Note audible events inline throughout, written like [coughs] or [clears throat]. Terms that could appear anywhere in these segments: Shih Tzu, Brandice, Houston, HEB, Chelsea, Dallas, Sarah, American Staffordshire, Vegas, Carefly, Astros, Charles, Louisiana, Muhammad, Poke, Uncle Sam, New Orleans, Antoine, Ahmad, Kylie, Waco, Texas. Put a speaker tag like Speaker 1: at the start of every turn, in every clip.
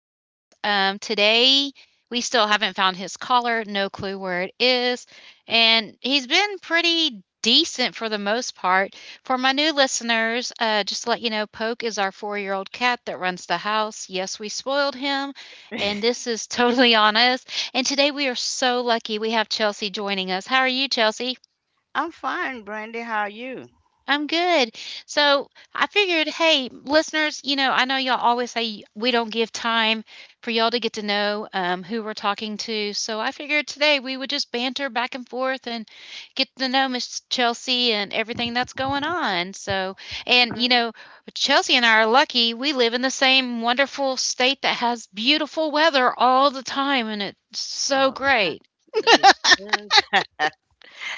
Speaker 1: Today we still haven't found his collar, no clue where it is. And he's been pretty decent for the most part. For my new listeners, just to let you know, Poke is our 4-year old cat that runs the house. Yes, we spoiled him, and this is [laughs] totally on us. And today we are so lucky we have Chelsea joining us. How are you, Chelsea?
Speaker 2: I'm fine, Brandy. How are you?
Speaker 1: I'm good. So I figured, hey, listeners, I know y'all always say we don't give time for y'all to get to know who we're talking to. So I figured today we would just banter back and forth and get to know Miss Chelsea and everything that's going on. So, and,
Speaker 2: Great.
Speaker 1: Chelsea and I are lucky. We live in the same wonderful state that has beautiful weather all the time, and it's so
Speaker 2: All the time.
Speaker 1: great.
Speaker 2: Yes, it does.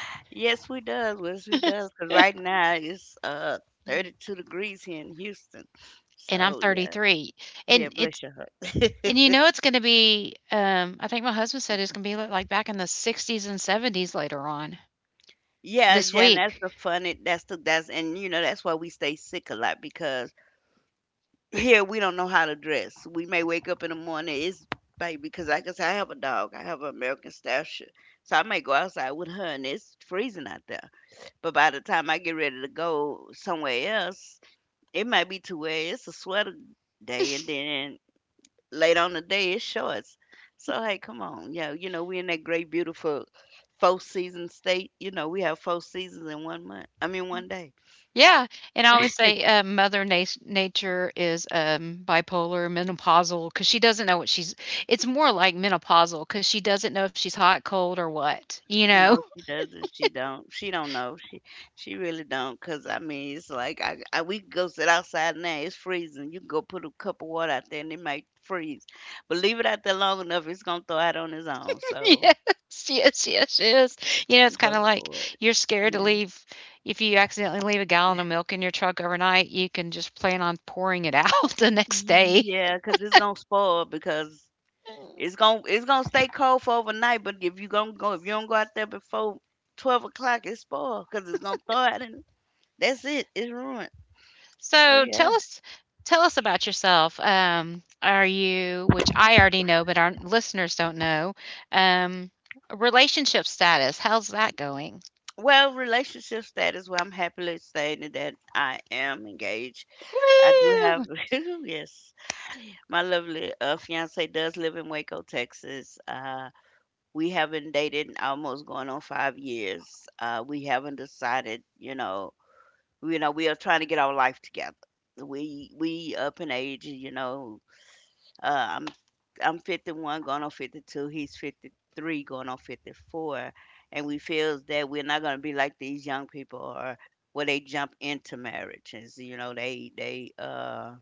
Speaker 2: [laughs] Yes, we does. Yes, we does. Cause right now it's
Speaker 1: [laughs]
Speaker 2: 32 degrees here in Houston.
Speaker 1: And I'm
Speaker 2: So yeah,
Speaker 1: 33.
Speaker 2: yeah.
Speaker 1: And it's
Speaker 2: Bless your heart.
Speaker 1: And you
Speaker 2: [laughs]
Speaker 1: know it's gonna be, I think my husband said it's gonna be li like back in the 60s and 70s later on
Speaker 2: Yeah,
Speaker 1: this
Speaker 2: yeah. And that's
Speaker 1: week.
Speaker 2: the funny. That's and, that's why we stay sick a lot, because here we don't know how to dress. We may wake up in the morning. It's Baby, because like I said, I have a dog. I have an American Staffordshire, so I may go outside with her and it's freezing out there. But by the time I get ready to go somewhere else, it might be to where it's a sweater day, and then late on the day it's shorts. So hey, come on, yo, you know we in that great, beautiful four season state. You know we have four seasons in one month. I mean one day.
Speaker 1: Yeah, and I always say, mother nas nature is, bipolar, menopausal, because she doesn't know what she's it's more like menopausal because she doesn't know if she's hot, cold, or what, you know?
Speaker 2: No, she doesn't. She don't. She don't know. She really don't. Cause I mean, it's like I we can go sit outside now. It's freezing. You can go put a cup of water out there and it might freeze. But leave it out there long enough, it's gonna thaw out on its own.
Speaker 1: [laughs]
Speaker 2: So.
Speaker 1: Yes, yes, yes, yes. You know, it's kinda
Speaker 2: Go
Speaker 1: like
Speaker 2: for it.
Speaker 1: you're scared to
Speaker 2: Yeah.
Speaker 1: leave if you accidentally leave a gallon of milk in your truck overnight, you can just plan on pouring it out [laughs] the next day.
Speaker 2: Yeah, cause it's gonna spoil because it's gonna stay cold for overnight. But if you don't go out there before 12 o'clock, it's spoiled, cause it's gonna thaw out, and that's it. It's ruined. So
Speaker 1: So
Speaker 2: yeah.
Speaker 1: tell us about yourself. Are you, which I already know, but our listeners don't know, um, relationship status? How's that going?
Speaker 2: Well, relationship status. Well, I'm happily stating that I am engaged. I do have
Speaker 1: Woo!
Speaker 2: [laughs] yes, my lovely fiance does live in Waco, Texas. We haven't dated almost going on 5 years. We haven't decided, we are trying to get our life together. We up in age, you know. Uh, I'm I'm 51, going on 52. He's 53, going on 54, and we feels that we're not gonna be like these young people, or where they jump into marriages. You know, they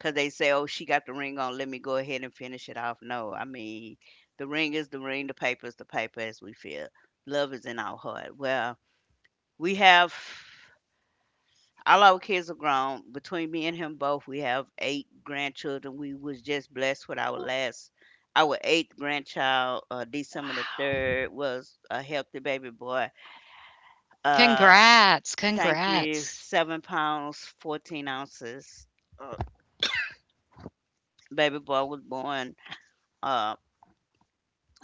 Speaker 2: 'cause they say, "Oh, she got the ring on, let me go ahead and finish it off." No, I mean, the ring is the ring, the paper is the paper, as we feel. Love is in our heart. Well, we have all our kids are grown. Between me and him both, we have eight grandchildren. We was just blessed with our last, our eighth grandchild, December the
Speaker 1: Wow!
Speaker 2: third, was a healthy baby boy. Uh,
Speaker 1: Congrats!
Speaker 2: Thank you.
Speaker 1: Congrats!
Speaker 2: 7 pounds, 14 ounces. Uh, Baby boy was born. Uh,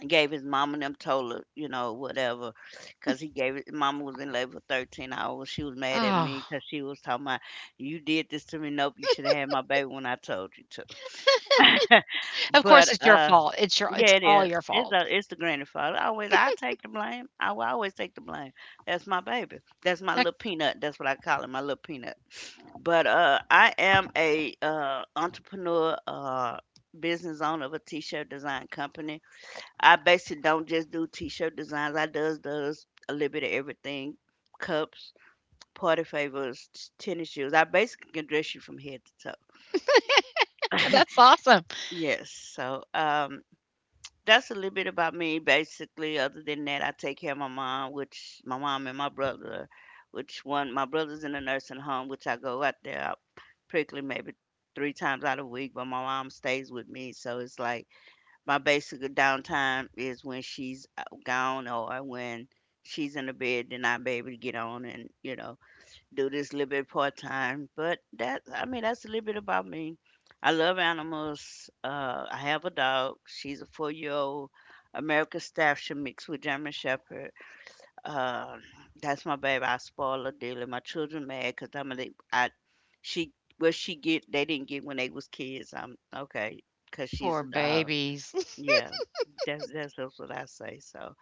Speaker 2: Gave his mama and them, told her, you know, whatever, cause he gave it. Mama was in labor 13 hours. She was mad at me,
Speaker 1: Oh,
Speaker 2: cause she was talking about, "You did this to me." Nope, you should have had my baby when I told you to. [laughs]
Speaker 1: of
Speaker 2: But
Speaker 1: course it's your fault. It's
Speaker 2: yeah, it
Speaker 1: all
Speaker 2: is.
Speaker 1: your fault.
Speaker 2: It's the grandfather. Always, I take the blame. I will always take the blame. That's my baby. That's my
Speaker 1: Heck,
Speaker 2: little peanut. That's what I call him, my little peanut. But I am a entrepreneur, business owner of a t-shirt design company. I basically don't just do t-shirt designs. I does a little bit of everything: cups, party favors, tennis shoes. I basically can dress you from head to toe.
Speaker 1: that's awesome.
Speaker 2: Yes. So, that's a little bit about me. Basically, other than that, I take care of my mom, which my mom and my brother, which one my brother's in a nursing home, which I go out there prickly maybe three times out a week. But my mom stays with me, so it's like my basic downtime is when she's gone, or when she's in the bed. Then I'm able to get on and, do this little bit part time. But that I mean, that's a little bit about me. I love animals. I have a dog. She's a 4-year old American Staffordshire mixed with German Shepherd. Um that's my baby. I spoil her daily. My children mad because I'm a, I she— what she get, they didn't get when they was kids. I'm okay because she's
Speaker 1: Poor
Speaker 2: a dog.
Speaker 1: babies. [laughs]
Speaker 2: Yeah. That's what I say. So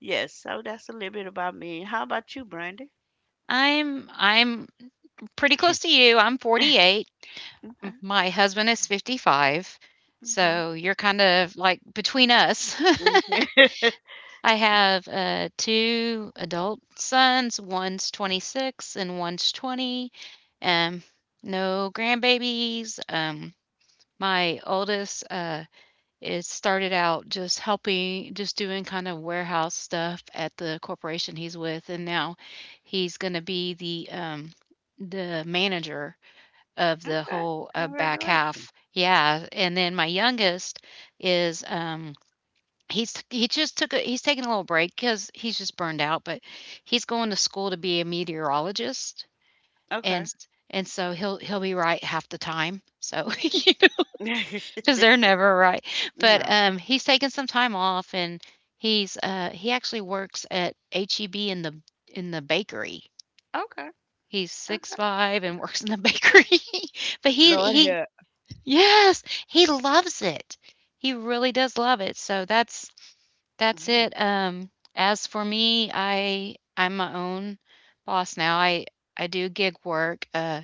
Speaker 2: yes, so that's a little bit about me. How about you, Brandy?
Speaker 1: I'm pretty
Speaker 2: [laughs] Okay.
Speaker 1: close to you. I'm 48. M my husband is 55,
Speaker 2: Okay.
Speaker 1: so you're kind of, like, between us.
Speaker 2: Mhm.
Speaker 1: [laughs] I have, 2 adult sons, one's 26 and one's 20, um, no grandbabies, my oldest, is started out just doing kind of warehouse stuff at the corporation he's with, and now he's gonna be the, the manager of the
Speaker 2: Okay.
Speaker 1: whole back
Speaker 2: Congratulations.
Speaker 1: half. Yeah, and then my youngest is he's he's taking a little break because he's just burned out, but he's going to school to be a meteorologist,
Speaker 2: Okay.
Speaker 1: and so he'll be right half the time. So [laughs] because
Speaker 2: [laughs]
Speaker 1: they're never right, but
Speaker 2: No.
Speaker 1: he's taking some time off, and he actually works at HEB in the bakery.
Speaker 2: Okay.
Speaker 1: He's six
Speaker 2: Okay.
Speaker 1: five and works in the bakery. [laughs] But he
Speaker 2: Lord
Speaker 1: he
Speaker 2: help.
Speaker 1: Yes, he loves it. He really does love it. So that's
Speaker 2: Mhm.
Speaker 1: it. As for me, I'm my own boss now. I do gig work.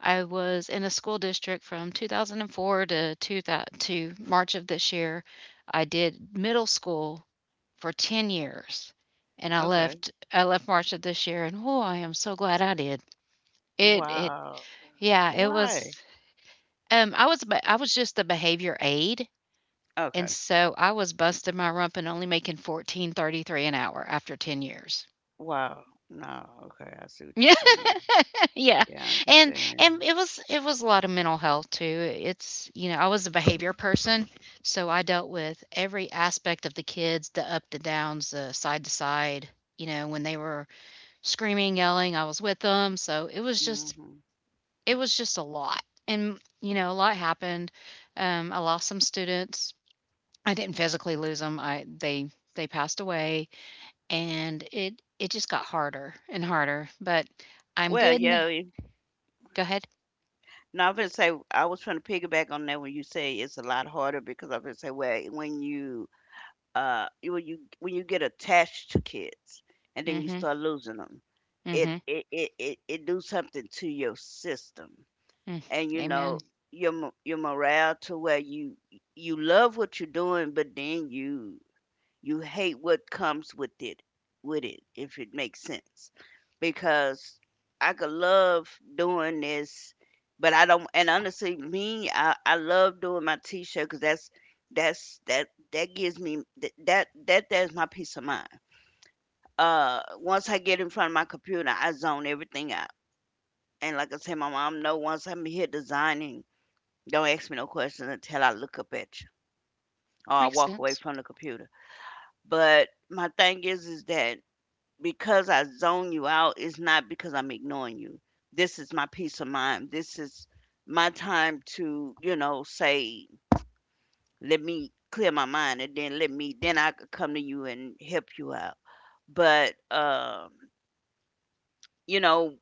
Speaker 1: I was in a school district from 2004 to 2000, to March of this year. I did middle school for 10 years, and I
Speaker 2: Okay.
Speaker 1: left I left March of this year, and oh, I am so glad I did. It
Speaker 2: Wow.
Speaker 1: yeah, it
Speaker 2: Why?
Speaker 1: was I was just a behavior aide, and
Speaker 2: Okay.
Speaker 1: so I was busting my rump and only making 14.33 an hour after 10 years. [laughs]
Speaker 2: Wow. No. Okay. I see what you're
Speaker 1: Yeah,
Speaker 2: saying.
Speaker 1: yeah.
Speaker 2: Yeah, I
Speaker 1: And
Speaker 2: understand.
Speaker 1: and it was a lot of mental health too. It's, I was a behavior person, so I dealt with every aspect of the kids, the up, the downs, the side to side. You know, when they were screaming, yelling, I was with them. So it was just
Speaker 2: Hmm.
Speaker 1: it was just a lot. And a lot happened. I lost some students. I didn't physically lose them. I they passed away, and it just got harder and harder, but I'm
Speaker 2: Well,
Speaker 1: good n
Speaker 2: yeah.
Speaker 1: Go ahead.
Speaker 2: No, I'm gonna say I was trying to piggyback on that when you say it's a lot harder, because I'm gonna say, well, when you you- when you when you get attached to kids and then you
Speaker 1: Mhm,
Speaker 2: start losing them,
Speaker 1: mhm,
Speaker 2: it do something to your system,
Speaker 1: mm,
Speaker 2: and,
Speaker 1: amen.
Speaker 2: your morale, to where you love what you're doing, but then you hate what comes with it— if it makes sense. Because I could love doing this, but I don't. And honestly, me, I love doing my t-shirt, because that's that that gives me that's my peace of mind. Once I get in front of my computer, I zone everything out. And like I said, my mom know once I'm here designing, don't ask me no questions until I look up at you or I
Speaker 1: Makes
Speaker 2: walk away
Speaker 1: sense.
Speaker 2: from the computer. But my thing is that because I zone you out, it's not because I'm ignoring you. This is my peace of mind. This is my time to, you know, say, let me clear my mind, and then— then I could come to you and help you out. But, you know,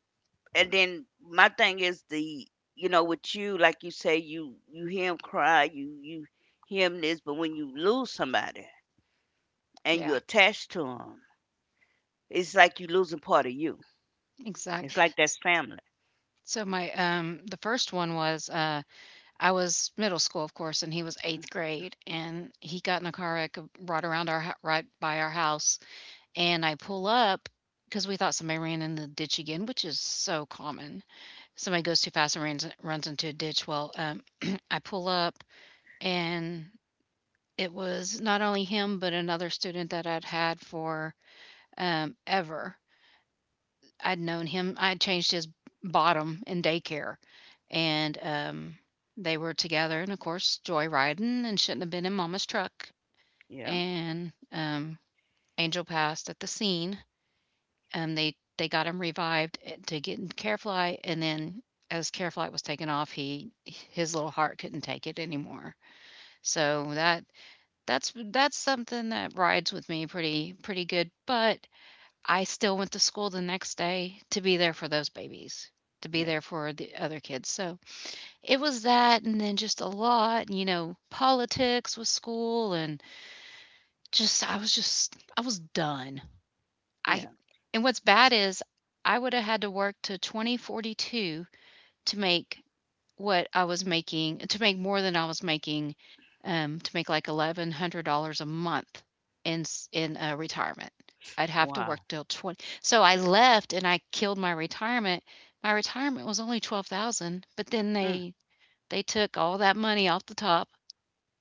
Speaker 2: and then my thing is the— you know, with you, like you say, you hear him cry, you hear him— this. But when you lose somebody and you're
Speaker 1: Yeah,
Speaker 2: attached to him, it's like you losing part of you. It's
Speaker 1: exactly.
Speaker 2: like that's family.
Speaker 1: So my, the first one was, I was middle school, of course, and he was 8th grade, and he got in a car wreck, right by our house, and I pull up because we thought somebody ran in the ditch again, which is so common. Somebody goes too fast and runs into a ditch. Well, [clears throat] I pull up, and it was not only him, but another student that I'd had for ever. I'd known him. I had changed his bottom in daycare, and they were together, and of course, joyriding, and shouldn't have been in Mama's truck.
Speaker 2: Yeah.
Speaker 1: And Angel passed at the scene, and they got him revived to get in Carefly, and then as Carefly was taken off, he his little heart couldn't take it anymore. So that's something that rides with me pretty good. But I still went to school the next day to be there for those babies, to be
Speaker 2: Yeah.
Speaker 1: there for the other kids. So it was that, and then just a lot, politics with school, and just I was done. I
Speaker 2: Yeah.
Speaker 1: And what's bad is I would have had to work to 2042 to make what I was making to make more than I was making, to make like $1,100 a month in retirement. I'd have to work
Speaker 2: Wow.
Speaker 1: till 20, so I left and I killed my retirement. My retirement was only 12,000, but then
Speaker 2: Mm.
Speaker 1: they took all that money off the top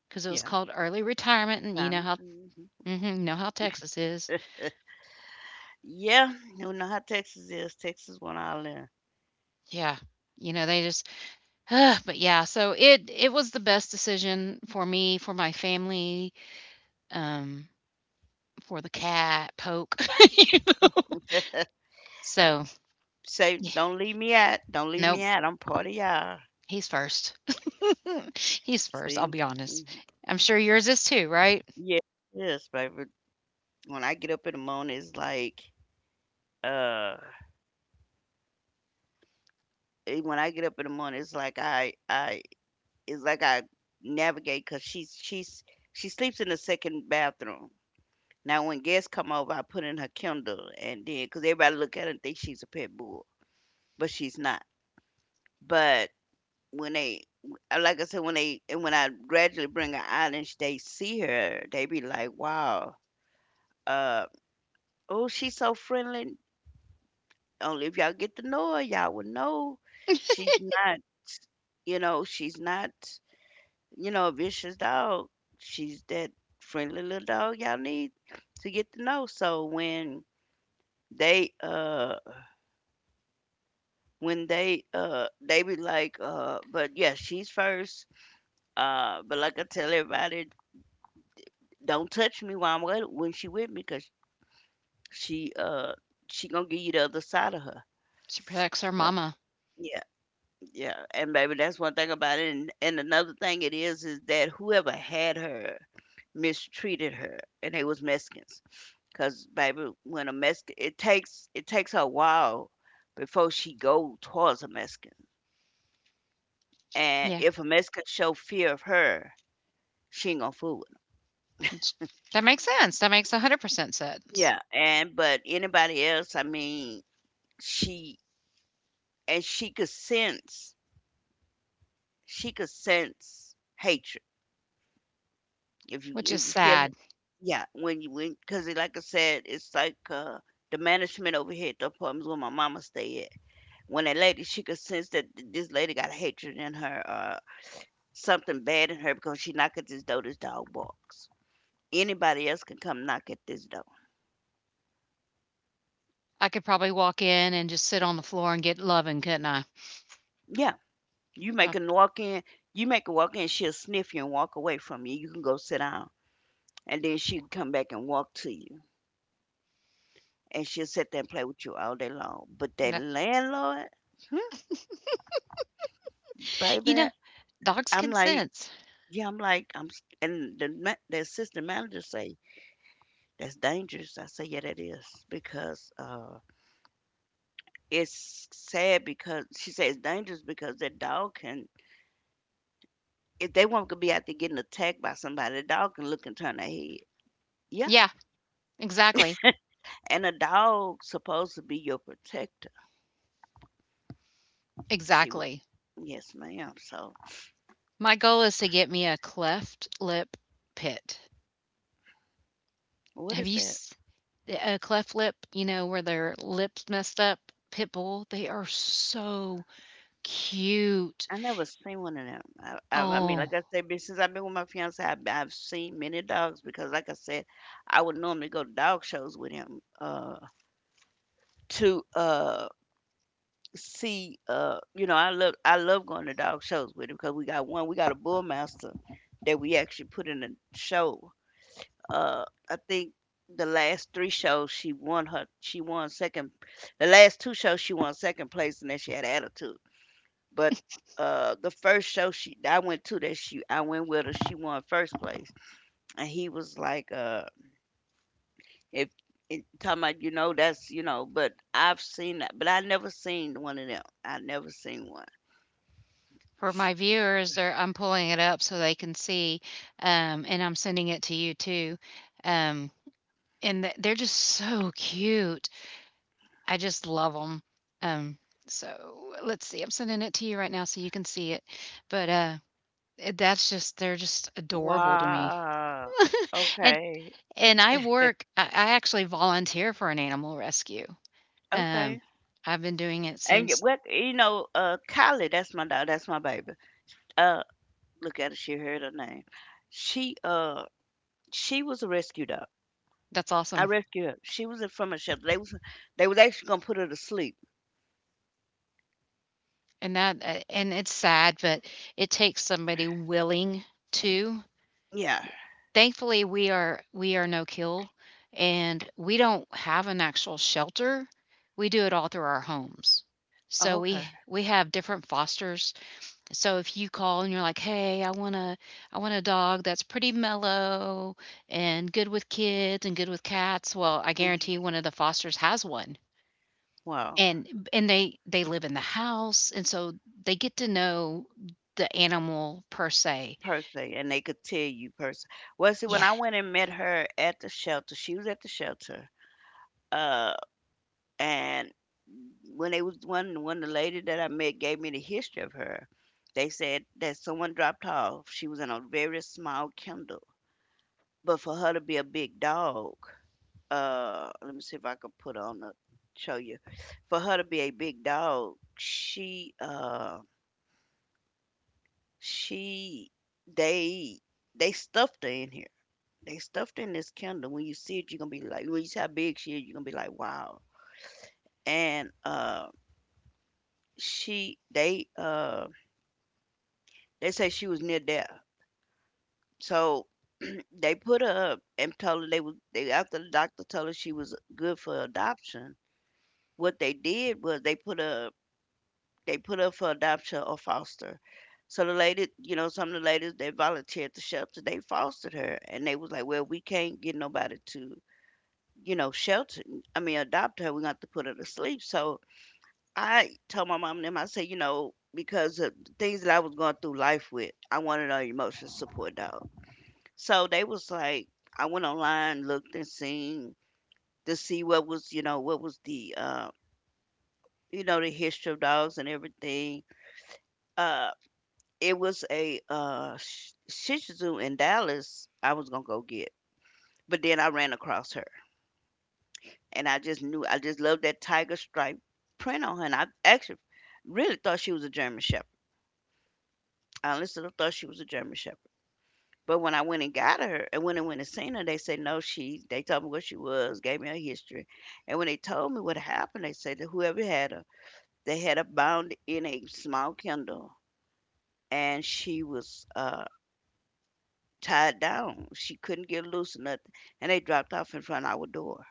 Speaker 1: because it was
Speaker 2: Yeah.
Speaker 1: called early retirement, and you know
Speaker 2: Time.
Speaker 1: how,
Speaker 2: Mhm.
Speaker 1: mhm, know how Texas is.
Speaker 2: Yeah, you know how Texas is. Texas one all in.
Speaker 1: Yeah. You know, they just... Ugh. But yeah, so it was the best decision for me, for my family, um, for the cat, Poke. [laughs]
Speaker 2: [laughs]
Speaker 1: So,
Speaker 2: Say,
Speaker 1: yeah,
Speaker 2: don't leave me out, don't leave me
Speaker 1: nope,
Speaker 2: out, I'm part of y'all.
Speaker 1: he's first. [laughs] He's first, I'll
Speaker 2: See.
Speaker 1: be
Speaker 2: Hmm.
Speaker 1: honest. I'm sure yours is too, right?
Speaker 2: Yeah. Yes, baby. When I get up in the morning Uh, when I get up in the morning, it's like I navigate because she sleeps in the second bathroom. Now when guests come over, I put in her Kindle, and then because everybody look at her and think she's a pet bull, but she's not. But when they like I said, when they— and when I gradually bring her out and they see her, they be like, "Wow, uh, oh, she's so friendly." Only if y'all get to know her, y'all would know she's not. You know, she's not, you know, a vicious dog. She's that friendly little dog y'all need to get to know. So they uh when they be like, but yeah, she's first. But like I tell everybody, don't touch me while I'm with— when she with me, because she uh she gonna give you the other side of her.
Speaker 1: She protects her
Speaker 2: But,
Speaker 1: mama.
Speaker 2: yeah, yeah. And baby, that's one thing about it, and another thing it is that whoever had her mistreated her, and they was Mexicans. Cause baby, when a Mexican, it takes her a while before she go towards a Mexican, and
Speaker 1: Yeah,
Speaker 2: if a Mexican show fear of her, she ain't gonna fool with 'em.
Speaker 1: it's that makes sense. That makes 100% sense,
Speaker 2: Yeah. And but anybody else, I mean, she and she could sense hatred, if you
Speaker 1: which is
Speaker 2: if you feel
Speaker 1: sad.
Speaker 2: it. Yeah, when you when because like I said, it's like the management over here at the apartments where my mama stay at. When that lady, she could sense that— this lady got hatred in her, something bad in her, because she knock at this door, this dog barks. Anybody else can come knock at this door.
Speaker 1: I could probably walk in and just sit on the floor and get loving, couldn't I?
Speaker 2: Yeah. You
Speaker 1: Uh,
Speaker 2: make a walk in, you make a walk in, she'll sniff you and walk away from you. You can go sit down. And then she'll come back and walk to you. And she'll sit there and play with you all day long. But that
Speaker 1: no.
Speaker 2: landlord— hmm.
Speaker 1: You
Speaker 2: Baby,
Speaker 1: know, dogs
Speaker 2: I'm
Speaker 1: can
Speaker 2: like,
Speaker 1: sense.
Speaker 2: yeah, and the— the assistant manager say, "That's dangerous." I say, "Yeah, that is." Because, it's sad because she says dangerous, because that dog can if they want to be out there getting attacked by somebody, a dog can look and turn their head. Yeah.
Speaker 1: Yeah, exactly,
Speaker 2: And a dog supposed to be your protector. She would.
Speaker 1: exactly.
Speaker 2: Yes, ma'am. So
Speaker 1: My goal is to get me a cleft lip pit.
Speaker 2: what
Speaker 1: Have
Speaker 2: is
Speaker 1: you
Speaker 2: that?
Speaker 1: s A cleft lip, where their lips messed up? Pit bull, they are so cute.
Speaker 2: I never seen one of them. Like
Speaker 1: Oh,
Speaker 2: I said, since I've been with my fiance, I've seen many dogs because, like I said, I would normally go to dog shows with him to see. I love going to dog shows with him because we got one. We got a bullmaster that we actually put in a show. Uh, I think the last three shows she won her she won second. The last two shows she won second place, and then she had attitude. But the first show she I went to that she I went with her, she won first place, and he was like, if it, talking about that's but I've seen that, but I never seen one of them. I never seen one.
Speaker 1: for my viewers, they're I'm pulling it up so they can see, and I'm sending it to you too. Um, and they're just so cute. I just love them. Um, so let's see. I'm sending it to you right now so you can see it. But that's just they're just adorable to me.
Speaker 2: Wow.
Speaker 1: [laughs] And
Speaker 2: Okay.
Speaker 1: and I work
Speaker 2: [laughs]
Speaker 1: I actually volunteer for an animal rescue. Um,
Speaker 2: Okay.
Speaker 1: I've been doing it
Speaker 2: And
Speaker 1: since...
Speaker 2: Kylie, that's my dog, that's my baby. Uh, Look at her, she heard her name. She uh she was a rescue dog.
Speaker 1: That's
Speaker 2: I
Speaker 1: awesome.
Speaker 2: rescued her. She was in from a shelter. They was actually gonna put her to sleep.
Speaker 1: And it's sad, but it takes somebody willing to.
Speaker 2: Yeah.
Speaker 1: Thankfully, we are no kill, and we don't have an actual shelter. We do it all through our homes. So
Speaker 2: Oh,
Speaker 1: we
Speaker 2: okay.
Speaker 1: we have different fosters. So if you call and you're like, "Hey, I want a dog that's pretty mellow and good with kids and good with cats." Well, I guarantee
Speaker 2: Mhm.
Speaker 1: one of the fosters has one.
Speaker 2: Well,
Speaker 1: And they live in the house, and so they get to know the animal per se.
Speaker 2: per, and they could tell you per. Well, see, when
Speaker 1: Yeah,
Speaker 2: I went and met her at the shelter, she was at the shelter. Uh, and when they was one one the lady that I met gave me the history of her. They said that someone dropped her off. She was in a very small kennel, but for her to be a big dog, let me see if I can put on a show you. For her to be a big dog, she they they stuffed her in here. They stuffed her in this kennel. When you see it, you're gonna be like, when you see how big she is, you're gonna be like, wow. And she they say she was near death. So [clears throat] they put her up and told her, they was they after the doctor told her she was good for adoption. What they did was they put up for adoption or foster. So the lady, you know, some of the ladies that volunteered at the shelter, they fostered her, and they was like, "Well, we can't get nobody to, you know, shelter. I mean, adopt her. We got to put her to sleep." So I told my mom and them. I said, you know, because of the things that I was going through life with, I wanted an emotional support dog. So they was like, I went online, looked and seen to see what was, you know, what was the, the history of dogs and everything. Uh, It was a, Sh Shih Tzu in Dallas I was gonna go get, but then I ran across her, and I just knew I just loved that tiger stripe print on her, and I actually really thought she was a German Shepherd. I honestly thought she was a German Shepherd. But when I went and got her, and when I went and seen her, they said no. She They told me what she was, gave me her history, and when they told me what happened, they said that whoever had her, they had her bound in a small kennel, and she was, tied down. She couldn't get loose or nothing. And they dropped off in front of our door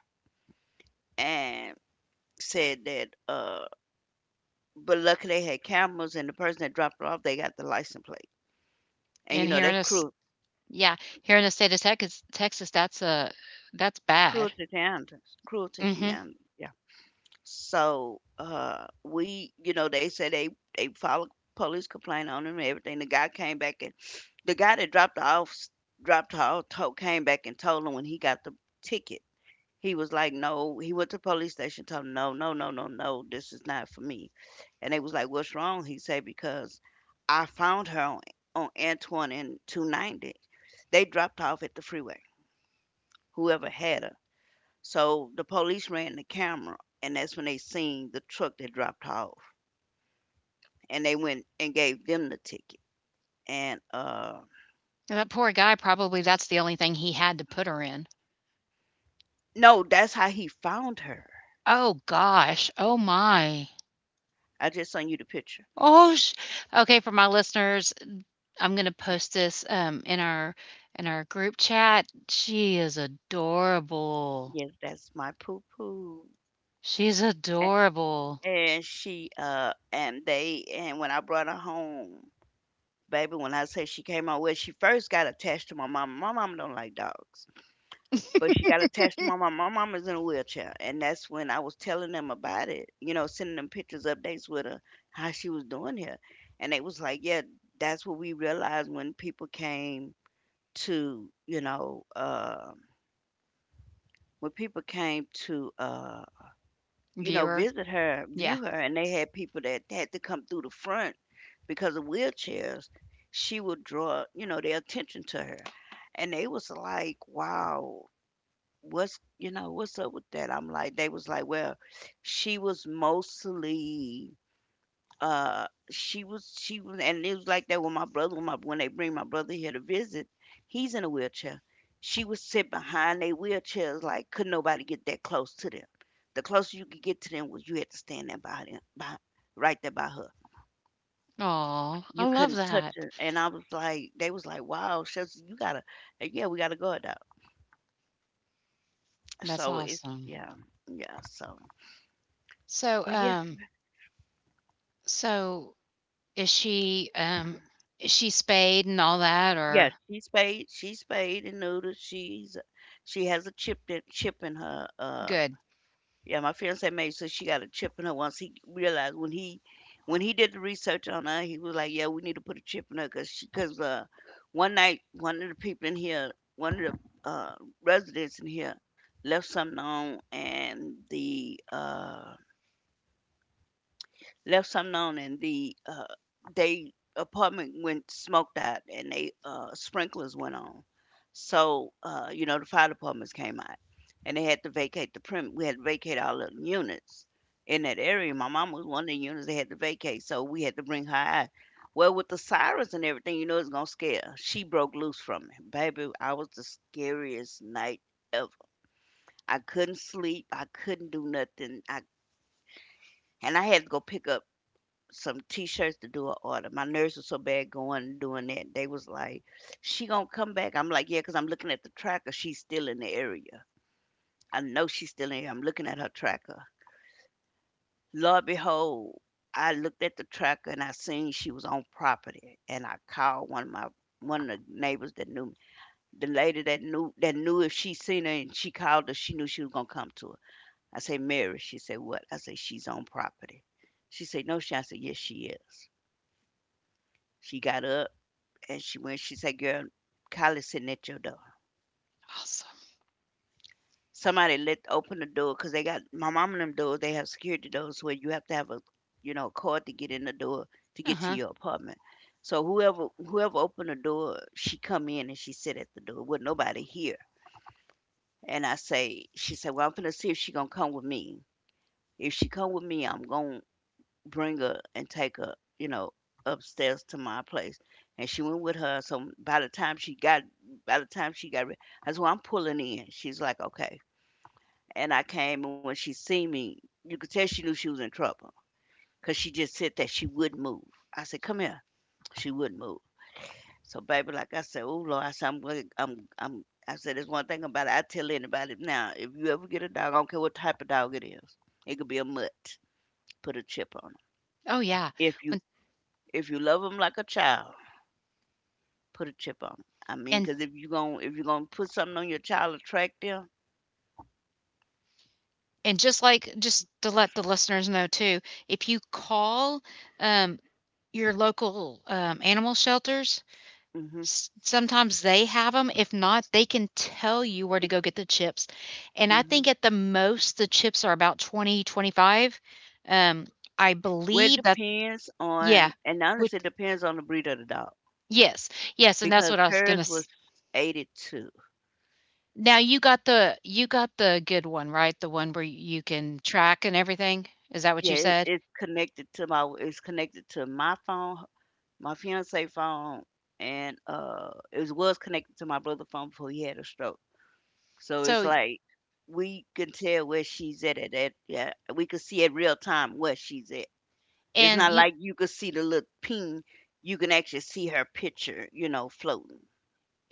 Speaker 2: and said that, but luckily they had cameras and the person that dropped her off, they got the license plate. And you
Speaker 1: and
Speaker 2: know,
Speaker 1: here in
Speaker 2: that's
Speaker 1: us
Speaker 2: cruel,
Speaker 1: yeah, here in the state of Texas, Texas, that's bad.
Speaker 2: cruelty to animals, cruelty to
Speaker 1: Mhm.
Speaker 2: animals. Yeah. So, we, you know, they said they filed a police complaint on him and everything. The guy came back and the guy that dropped her off, told, came back and told him when he got the ticket. He was like, "No." He went to the police station, told 'em, "No, no, no, no, no, this is not for me." And they was like, "What's wrong?" He said, "Because I found her on Antoine and 290. They dropped off at the freeway, whoever had her. So the police ran the camera, and that's when they seen the truck that dropped off. And they went and gave them the ticket. And
Speaker 1: That poor guy probably that's the only thing he had to put her in.
Speaker 2: no, that's how he found her.
Speaker 1: Oh gosh. Oh my.
Speaker 2: I just sent you the picture.
Speaker 1: Oh, sh okay, for my listeners, I'm gonna post this, in our group chat. She is adorable.
Speaker 2: Yes, that's my poo poo.
Speaker 1: She's adorable.
Speaker 2: And she, and they, and when I brought her home, baby, when I say she came out, well, she first got attached to my mama. My mama don't like dogs, but she got attached to my mama. My mama's in a wheelchair, and that's when I was telling them about it. You know, sending them pictures, updates with her, how she was doing here, and they was like, yeah, that's what we realized when people came to, you know, when people came to. You know,
Speaker 1: Viewer?
Speaker 2: visit her,
Speaker 1: Yeah.
Speaker 2: view her, and they had people that had to come through the front because of wheelchairs, she would draw, you know, their attention to her. And they was like, wow, what's, you know, what's up with that? I'm like, they was like, well, she was mostly she was and it was like that with my brother when, my, when they bring my brother here to visit, he's in a wheelchair. She would sit behind their wheelchairs like could nobody get that close to them. The closer you could get to them was you had to stand there by them, by right there by her.
Speaker 1: Oh, I
Speaker 2: You
Speaker 1: love
Speaker 2: couldn't touch
Speaker 1: that.
Speaker 2: her, and I was like, they was like, wow, shucks, you gotta, yeah, we gotta go dog.
Speaker 1: That's
Speaker 2: So it's,
Speaker 1: awesome.
Speaker 2: yeah, yeah, so,
Speaker 1: So,
Speaker 2: but yes,
Speaker 1: so is she, um is she spayed and all that
Speaker 2: yes
Speaker 1: or...
Speaker 2: She spayed and neutered. She's, she has a chip, that chip in her,
Speaker 1: Good.
Speaker 2: yeah. My fiance made sure she got a chip in her once he realized when he did the research on her. He was like, "Yeah, we need to put a chip in her because she, because one night one of the people in here, one of the residents in here left something on and the left something on and the uh they apartment went smoked out and they sprinklers went on. So you know, the fire departments came out and they had to vacate the prim, we had to vacate all the units in that area. My mom was one of the units they had to vacate, so we had to bring her out. Well, with the sirens and everything, you know, it's gonna scare her. She broke loose from it. Baby, I was, the scariest night ever. I couldn't sleep, I couldn't do nothing, I, and I had to go pick up some t-shirts to do an order. My nerves were so bad going and doing that. They was like, "She gonna come back?" I'm like, "Yeah," because I'm looking at the tracker. She's still in the area. I know she's still in here. I'm looking at her tracker. Lo and behold, I looked at the tracker and I seen she was on property. And I called one of my one of the neighbors that knew me. The lady that knew, if she seen her and she called her, she knew she was gonna come to her. I say, "Mary." She said, "What?" I say, "She's on property." She said, "No, she—" I said, "Yes, she is." She got up. And she went, she said, "Girl, Kylie's sitting at your door."
Speaker 1: Awesome.
Speaker 2: Somebody let open the door because they got my mom and them doors. They have security doors where you have to have a, you know, a card to get in the door to get to
Speaker 1: Uh-huh.
Speaker 2: your apartment. So whoever opened the door, she come in and she sit at the door with nobody here. And I say, she said, "Well, I'm finna see if she gonna come with me. If she come with me, I'm going bring her and take her, you know, upstairs to my place." And she went with her. So by the time she got, I said, "Well, I'm pulling in." She's like, "Okay." And I came, and when she seen me, you could tell she knew she was in trouble, 'cause she just said that she wouldn't move. I said, "Come here." She wouldn't move. So baby, like I said, oh Lord, I said, I'm, gonna- I'm, I said, there's one thing about it. I tell anybody now, if you ever get a dog, I don't care what type of dog it is. It could be a mutt. Put a chip on it.
Speaker 1: Oh, yeah.
Speaker 2: If you,
Speaker 1: When
Speaker 2: if you love them like a child, put a chip on 'em. I mean,
Speaker 1: and
Speaker 2: cause if you gonna put something on your child to track them.
Speaker 1: and Just to let the listeners know too, if you call, um your local, animal shelters,
Speaker 2: Mhm,
Speaker 1: s sometimes they have them. If not, they can tell you where to go get the chips, and
Speaker 2: mm
Speaker 1: I
Speaker 2: mhm.
Speaker 1: think at the most, the chips are about 20, 25. Um, I
Speaker 2: Well, it
Speaker 1: believe that...
Speaker 2: depends
Speaker 1: Yeah.
Speaker 2: on, and
Speaker 1: Which...
Speaker 2: honestly, it depends on the breed of the dog
Speaker 1: Yes, yes, and that's
Speaker 2: because
Speaker 1: what I was gonna...
Speaker 2: hers was 82.
Speaker 1: Now you got the good one, right? The one where you can track and everything? Is that what
Speaker 2: Yeah,
Speaker 1: you
Speaker 2: it,
Speaker 1: said?
Speaker 2: it's connected to my phone, my fiance phone, and it was connected to my brother phone before he had a stroke. So it's
Speaker 1: So,
Speaker 2: like we can tell where she's at that. Yeah, we can see at real time where she's at. It's
Speaker 1: and
Speaker 2: not
Speaker 1: you...
Speaker 2: like you could see the little ping. You can actually see her picture, you know, floating.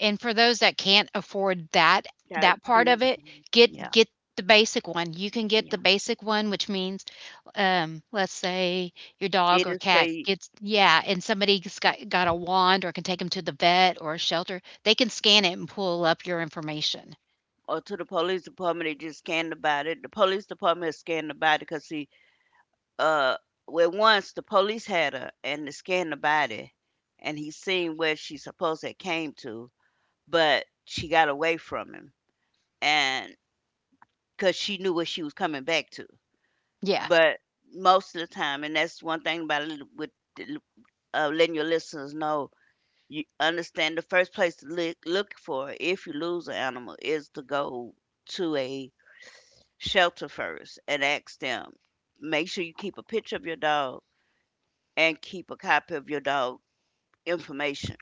Speaker 1: And for those that can't afford that
Speaker 2: That
Speaker 1: part of
Speaker 2: didn't-
Speaker 1: it,
Speaker 2: yeah,
Speaker 1: get the basic one. You can get
Speaker 2: yeah.
Speaker 1: the basic one, which means, let's say your dog
Speaker 2: It
Speaker 1: or
Speaker 2: is
Speaker 1: cat
Speaker 2: say,
Speaker 1: gets, yeah, and somebody's got a wand or can take them to the vet or a shelter. They can scan it and pull up your information.
Speaker 2: or to the police department, they just scanned about it. The police department has scanned the body because see, uh, well, once the police had her and they scanned the body, and he seen where she supposed to came to, but she got away from him, and because she knew what she was coming back to.
Speaker 1: Yeah,
Speaker 2: But most of the time, and that's one thing about it with letting your listeners know, you understand the first place to look, look for if you lose an animal is to go to a shelter first and ask them. Make sure you keep a picture of your dog and keep a copy of your dog information,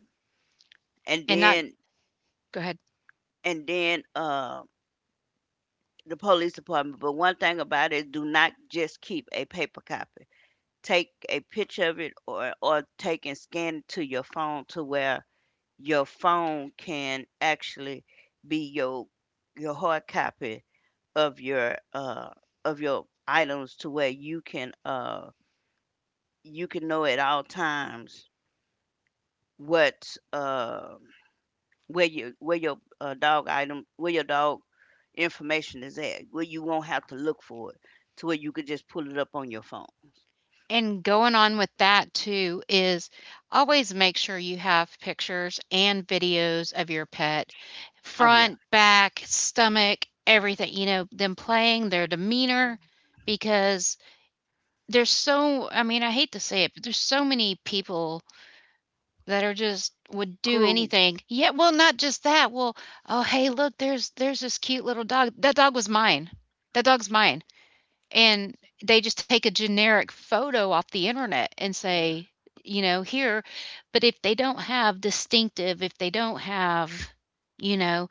Speaker 2: and
Speaker 1: and not...
Speaker 2: then
Speaker 1: go ahead.
Speaker 2: and then uh, the police department. But one thing about it, do not just keep a paper copy. Take a picture of it, or take and scan it to your phone to where your phone can actually be your hard copy of your uh of your items to where you can know at all times what where you where your dog item where your dog information is at, where you won't have to look for it, to where you could just pull it up on your phone.
Speaker 1: And going on with that too is always make sure you have pictures and videos of your pet,
Speaker 2: Oh yeah.
Speaker 1: front, back, stomach, everything, you know, them playing, their demeanor, because there's so, I mean, I hate to say it, but there's so many people that are just would do
Speaker 2: Crew.
Speaker 1: anything. Yeah, well, not just that. Well, oh, hey, look, there's this cute little dog. That dog was mine. That dog's mine. And they just take a generic photo off the internet and say, you know, here, but if they don't have distinctive, if they don't have, you know,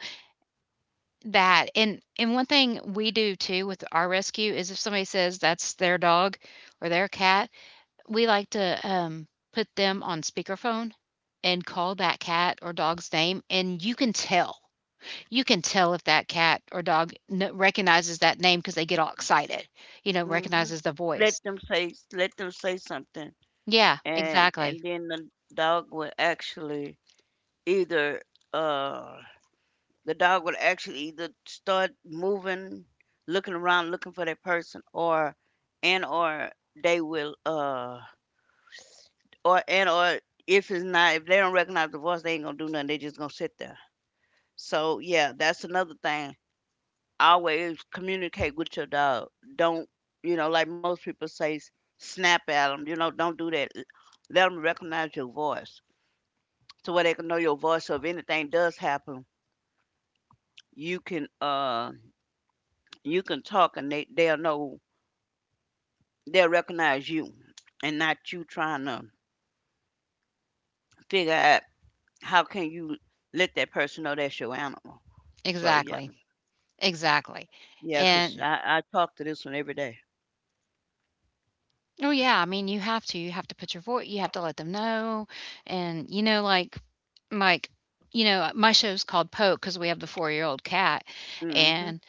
Speaker 1: that and one thing we do too with our rescue is if somebody says that's their dog or their cat, we like to put them on speakerphone and call that cat or dog's name and you can tell. You can tell if that cat or dog recognizes that name because they get all excited, you know,
Speaker 2: Hmm.
Speaker 1: recognizes the voice.
Speaker 2: Let them say, let them say something.
Speaker 1: Yeah,
Speaker 2: And
Speaker 1: exactly.
Speaker 2: then the dog will actually either uh the dog would actually either start moving, looking around looking for that person, or and or they will or and or if it's not, if they don't recognize the voice, they ain't gonna do nothing, they just gonna sit there. So yeah, that's another thing. Always communicate with your dog. Don't, you know, like most people say, snap at them, you know, don't do that. Let them recognize your voice to where they can know your voice, so if anything does happen, you can you can talk and they'll know, they'll recognize you, and not you trying to figure out how can you let that person know that's your animal. So, yeah.
Speaker 1: Exactly. Exactly.
Speaker 2: Yeah, 'cause
Speaker 1: And
Speaker 2: I talk to this one every day.
Speaker 1: oh yeah, I mean you have to put your voice you have to let them know and like you know, my show's called Poke cuz we have the 4-year-old cat
Speaker 2: Mm-hmm.
Speaker 1: and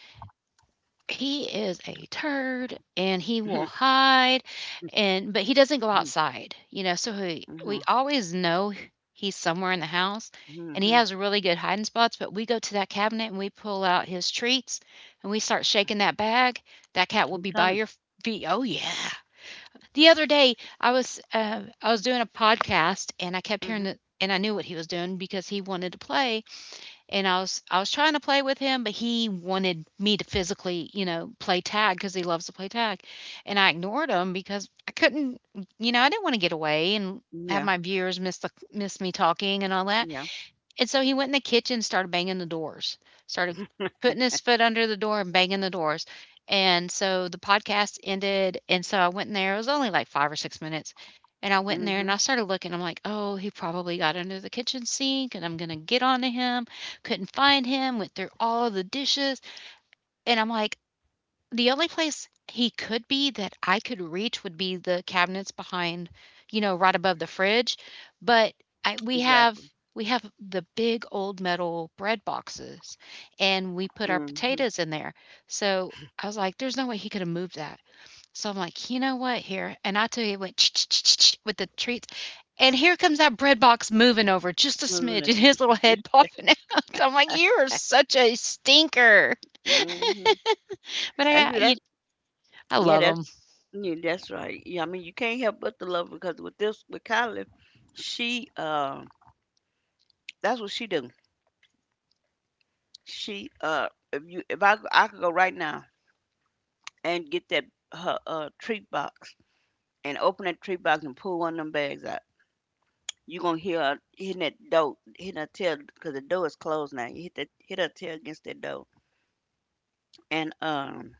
Speaker 1: he is a turd, and he will
Speaker 2: [laughs]
Speaker 1: hide, and but he doesn't go outside, you know, so he
Speaker 2: Mm-hmm.
Speaker 1: we always know he's somewhere in the house, and he
Speaker 2: Mm-hmm.
Speaker 1: has really good hiding spots, but we go to that cabinet, and we pull out his treats, and we start shaking that bag, that cat will
Speaker 2: He
Speaker 1: be by
Speaker 2: coming.
Speaker 1: your feet. Oh, yeah. The other day, I was doing a podcast, and I kept hearing
Speaker 2: Mm-hmm.
Speaker 1: the and I knew what he was doing because he wanted to play, and I was trying to play with him, but he wanted me to physically, you know, play tag because he loves to play tag, and I ignored him because I couldn't, you know, I didn't want to get away and have
Speaker 2: Yeah.
Speaker 1: my viewers miss the miss me talking and all that.
Speaker 2: Yeah.
Speaker 1: And so he went in the kitchen and started banging the doors, started putting his foot under the door and banging the doors. And so the podcast ended. And so I went in there. It was only like 5 or 6 minutes. And I went in there
Speaker 2: Mm-hmm.
Speaker 1: and I started looking. I'm like, oh, he probably got under the kitchen sink and I'm going to get onto him. Couldn't find him. Went through all the dishes. And I'm like, the only place he could be that I could reach would be the cabinets behind, you know, right above the fridge, but I
Speaker 2: Exactly.
Speaker 1: we have the big old metal bread boxes, and we put our
Speaker 2: Mm-hmm.
Speaker 1: potatoes in there, so I was like, "There's no way he could have moved that." So I'm like, "You know what? Here," and I tell you, it went [tsk] with the treats, and here comes that bread box moving over just a smidge, and
Speaker 2: [laughs]
Speaker 1: his little head popping out. [laughs] I'm like, "You are such a stinker,"
Speaker 2: Mm-hmm.
Speaker 1: but
Speaker 2: That's it. That,
Speaker 1: I
Speaker 2: yeah,
Speaker 1: love
Speaker 2: that's.
Speaker 1: 'em.
Speaker 2: Yeah, that's right. Yeah, I mean you can't help but to love her, because with this with Kylie, she that's what she do. She if you if I could go right now and get that her treat box and open that treat box and pull one of them bags out. You gonna hear her hitting that door, hitting her tail because the door is closed now. You hit that hit her tail against that door and um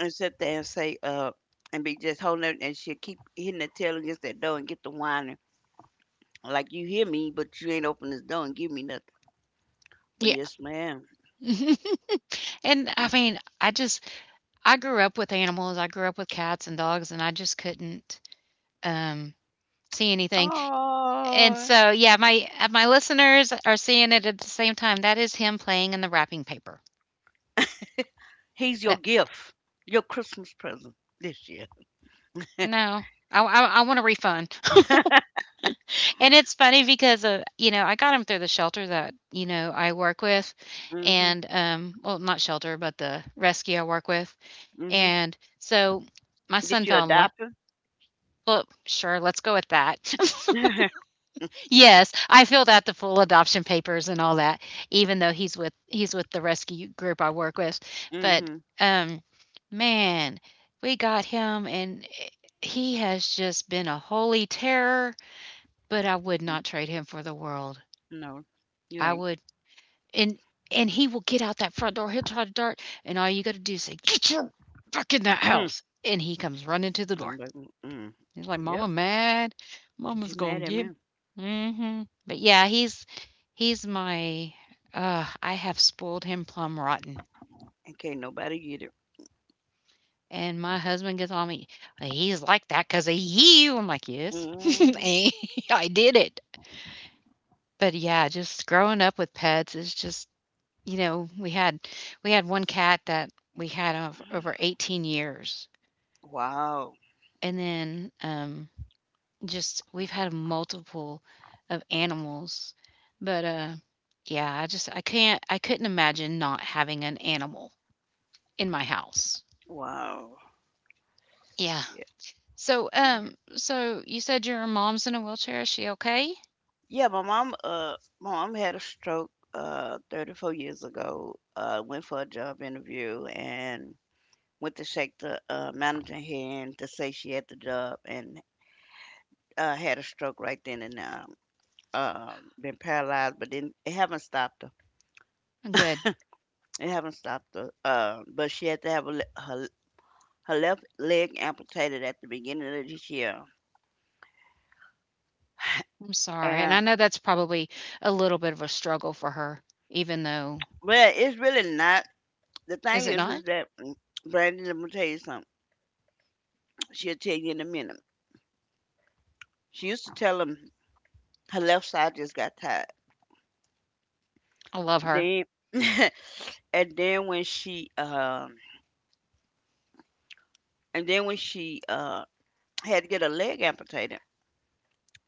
Speaker 2: and sit there and say and be just holding it, and she'll keep hitting that tail against that door and get the whining like you hear me, but you ain't open this door and give me nothing. But
Speaker 1: Yeah.
Speaker 2: yes, ma'am.
Speaker 1: [laughs] And I mean, I just I grew up with animals, I grew up with cats and dogs, and I just couldn't, um, see anything. And
Speaker 2: Oh,
Speaker 1: so, yeah, my listeners are seeing it at the same time. That is him playing in the wrapping paper.
Speaker 2: he's your
Speaker 1: That
Speaker 2: gift, your Christmas present this year. [laughs]
Speaker 1: No. I want a refund. [laughs] And it's funny because, you know, I got him through the shelter that, you know, I work with
Speaker 2: Mm-hmm.
Speaker 1: and, well, not shelter, but the rescue I work with.
Speaker 2: Mm-hmm.
Speaker 1: And so my
Speaker 2: Did
Speaker 1: son
Speaker 2: you
Speaker 1: fell in love
Speaker 2: adopt him?
Speaker 1: well, sure, let's go with that.
Speaker 2: [laughs]
Speaker 1: Yes, I filled out the full adoption papers and all that, even though he's with the rescue group I work with. But
Speaker 2: Mm-hmm.
Speaker 1: um, man, we got him, and he has just been a holy terror. But I would not trade him for the world.
Speaker 2: No, you
Speaker 1: I
Speaker 2: ain't.
Speaker 1: would, and and he will get out that front door. He'll try to dart, and all you got to do is say, "Get your back in that
Speaker 2: Hmm.
Speaker 1: house," and he comes running to the
Speaker 2: I'm
Speaker 1: door.
Speaker 2: like, mm,
Speaker 1: He's like,
Speaker 2: yep.
Speaker 1: "Mama mad.
Speaker 2: Is
Speaker 1: Mama's
Speaker 2: you
Speaker 1: gonna
Speaker 2: mad at me?
Speaker 1: get." Mhm. But yeah, he's my. I have spoiled him plum rotten,
Speaker 2: And can't nobody get it.
Speaker 1: and my husband gets on me. "Well, he's like that because of you. I'm like, yes, [laughs] and
Speaker 2: Hmm.
Speaker 1: I did it. But yeah, just growing up with pets is just you know we had one cat that we had of over 18 years,
Speaker 2: Wow.
Speaker 1: and then just we've had multiple of animals, but, yeah, I just I can't I couldn't imagine not having an animal in my house.
Speaker 2: Wow.
Speaker 1: Yeah.
Speaker 2: Yeah.
Speaker 1: So,
Speaker 2: Yeah,
Speaker 1: so you said your mom's in a wheelchair. Is she okay?
Speaker 2: yeah, my mom had a stroke 34 years ago. Went for a job interview and went to shake the manager hand to say she had the job, and had a stroke right then, and been paralyzed, but then it haven't stopped her.
Speaker 1: Good.
Speaker 2: It haven't stopped her. But she had to have a, her her left leg amputated at the beginning of this year.
Speaker 1: I'm sorry. And I
Speaker 2: And
Speaker 1: know that's probably a little bit of a struggle for her, even though
Speaker 2: well, it's really not. The
Speaker 1: is
Speaker 2: thing
Speaker 1: it not?
Speaker 2: is that mm, Brandon, let me tell you something. She'll tell you in a minute. She used to tell him her left side just got tired.
Speaker 1: I love her.
Speaker 2: Then [laughs] and then when she and then when she had to get a leg amputated.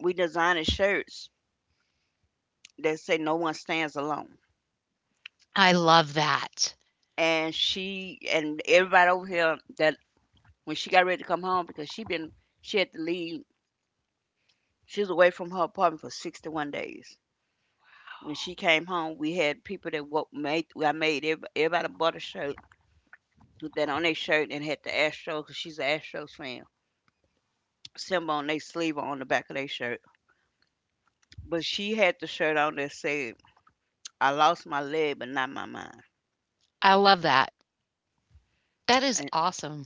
Speaker 2: We designed shirts that say, "No one stands alone,"
Speaker 1: I love that.
Speaker 2: and she and everybody over here that when she got ready to come home, because she had to leave. She was away from her apartment for 61 days. When she came home, we had people that made. I made everybody bought a shirt, put that on their shirt, and had the Astros because she's an Astros fan. Symbol on their sleeve or on the back of their shirt. But she had the shirt on that said, "I lost my leg, but not my mind."
Speaker 1: I love that. That is
Speaker 2: And
Speaker 1: awesome.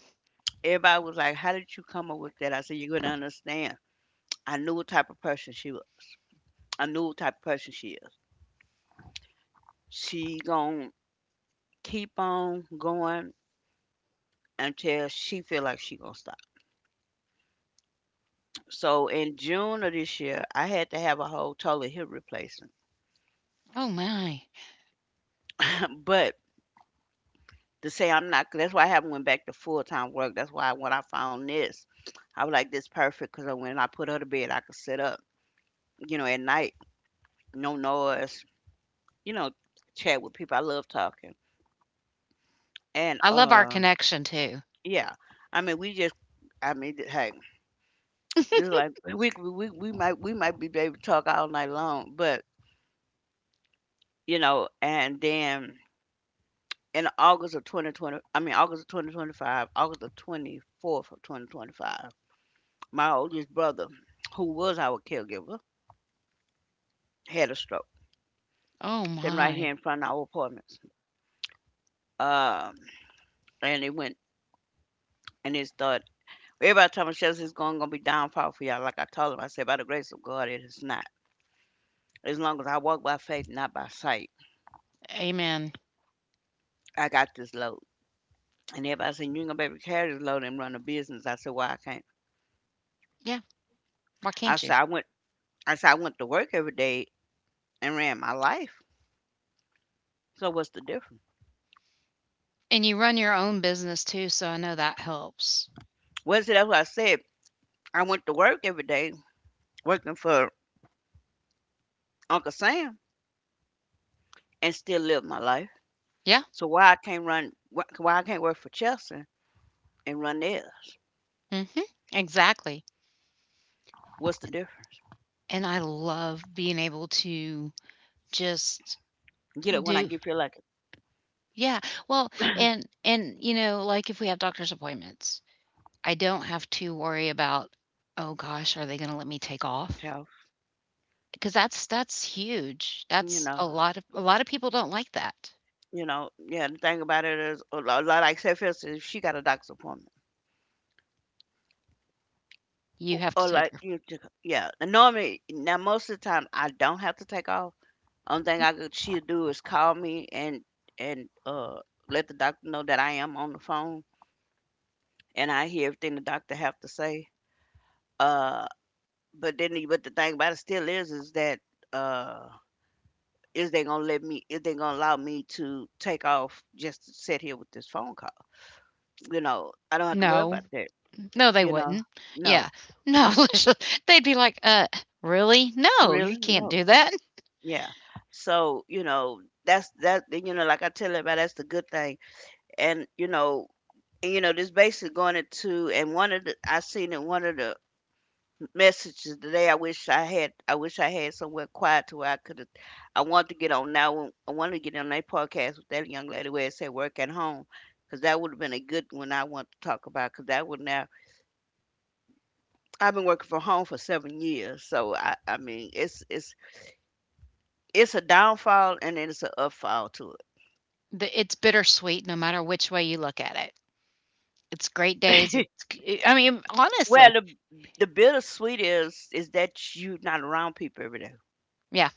Speaker 2: everybody was like, "How did you come up with that?" I said, "You're gonna understand. I knew what type of person she was. I knew what type of person she is. She gonna keep on going until she feel like she gonna stop." So in June of this year, I had to have a whole total hip replacement.
Speaker 1: Oh my.
Speaker 2: [laughs] But to say I'm not, that's why I haven't went back to full time work. That's why when I found this, I was like, "This perfect," because when I put her to bed, I could sit up. You know, at night, no noise. You know, chat with people. I love talking. And
Speaker 1: I love our
Speaker 2: um,
Speaker 1: connection too.
Speaker 2: yeah. I mean, we just, I mean, hey, just like we might we might be able to talk all night long, but you know, and then in August of 2020, I mean August of 2025, August the 24th of 2025, my oldest brother, who was our caregiver, had a stroke
Speaker 1: Oh
Speaker 2: sitting right here
Speaker 1: my.
Speaker 2: in front of our apartments. Um, and it went and it started. Everybody told me, Shells, it's going to be downfall for y'all. Like I told him, I said, by the grace of God, it is not. As long as I walk by faith, not by sight,
Speaker 1: Amen.
Speaker 2: I got this load. And everybody said, you ain't gonna be able to carry this load and run a business. I said, well, I can't.
Speaker 1: Yeah, why
Speaker 2: I
Speaker 1: can't you?
Speaker 2: said, I went I said, I went to work every day and ran my life. So what's the difference?
Speaker 1: And you run your own business too, so I know that helps.
Speaker 2: Well, see, that's what I said. I went to work every day working for Uncle Sam, and still live my life.
Speaker 1: Yeah.
Speaker 2: So why I can't work for Chelsea and run theirs?
Speaker 1: Mhm. Exactly.
Speaker 2: What's the
Speaker 1: And
Speaker 2: difference?
Speaker 1: and I love being able to just
Speaker 2: Get it when I
Speaker 1: do.
Speaker 2: get feel like
Speaker 1: Yeah. Well, and you know, like if we have doctor's appointments, I don't have to worry about, "Oh gosh, are they gonna let me take
Speaker 2: it,
Speaker 1: off?"
Speaker 2: Charles.
Speaker 1: Because that's huge.
Speaker 2: You
Speaker 1: That's
Speaker 2: know.
Speaker 1: a lot of people don't like that.
Speaker 2: You know, yeah, the thing about it is, like I said, for if she got a doctor's appointment.
Speaker 1: You have to
Speaker 2: Or
Speaker 1: take
Speaker 2: like
Speaker 1: her.
Speaker 2: you took, yeah. And normally now most of the time I don't have to take off. Only thing I could she'll do is call me and and uh let the doctor know that I am on the phone and I hear everything the doctor have to say. Uh but but the thing about it still is that uh is they gonna let me, is they gonna allow me to take off just to sit here with this phone call. You know, I don't have to worry
Speaker 1: No.
Speaker 2: about that,
Speaker 1: No, they
Speaker 2: you know.
Speaker 1: wouldn't.
Speaker 2: No.
Speaker 1: Yeah. No, [laughs] let's ju they'd be like, really? No, you
Speaker 2: Really?
Speaker 1: can't
Speaker 2: No.
Speaker 1: do that."
Speaker 2: Yeah. So, you know, that's that, you know, like I tell everybody, that's the good thing. And, you know, and, you know, this basically going into, and one of the, I seen in one of the messages today, I wish I had somewhere quiet to where I could have, I want to get on now, I wanted to get on that podcast with that young lady where it said work at home. Because that would have been a good one I want to talk about. Because that would now, I've been working from home for 7 years, so I mean it's it's a downfall and then it's an upfall to
Speaker 1: The it's bittersweet no matter which way you look at it. It's great days,
Speaker 2: it. [laughs]
Speaker 1: I mean,
Speaker 2: Well,
Speaker 1: honestly.
Speaker 2: the bittersweet is that you're not around people every day.
Speaker 1: Yeah.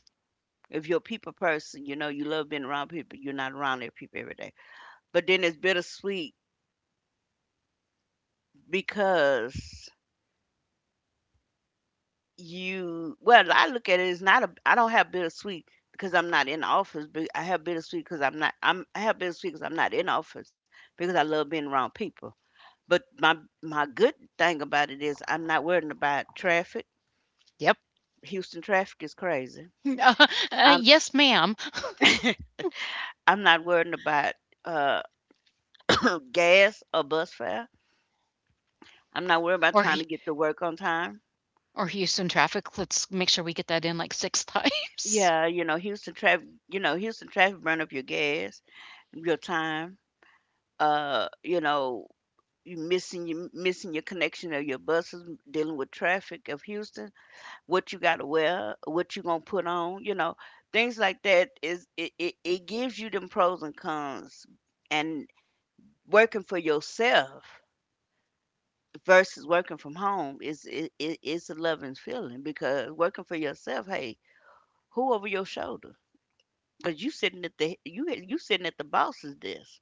Speaker 2: If you're a people person, you know you love being around people. You're not around their people every day. But then it's bittersweet because you. Well, I look at it as not a. I don't have bittersweet because I'm not in the office. But I have bittersweet because I'm not. I'm. I have bittersweet because I'm not in the office because I love being around people. But my good thing about it is I'm not worrying about traffic.
Speaker 1: Yep.
Speaker 2: Houston traffic is crazy.
Speaker 1: [laughs] uh "Yes, ma'am."
Speaker 2: I'm not worrying about uh, [coughs] [clears throat] gas or bus fare. I'm not worried
Speaker 1: Or
Speaker 2: about
Speaker 1: H
Speaker 2: trying to get to work on time.
Speaker 1: or Houston traffic, "Let's make sure we get that in like 6 [laughs] times."
Speaker 2: Yeah, you know, Houston traffic, Houston traffic burn up your gas, your time. Uh, you know, you missing your connection of your buses, dealing with traffic of Houston, what you got to wear, what you gonna put on, you know, things like that is it gives you them pros and cons and working for yourself versus working from home is it's a loving feeling because working for yourself, hey, who over your shoulder? 'Cause you sitting at the you you sitting at the boss's desk.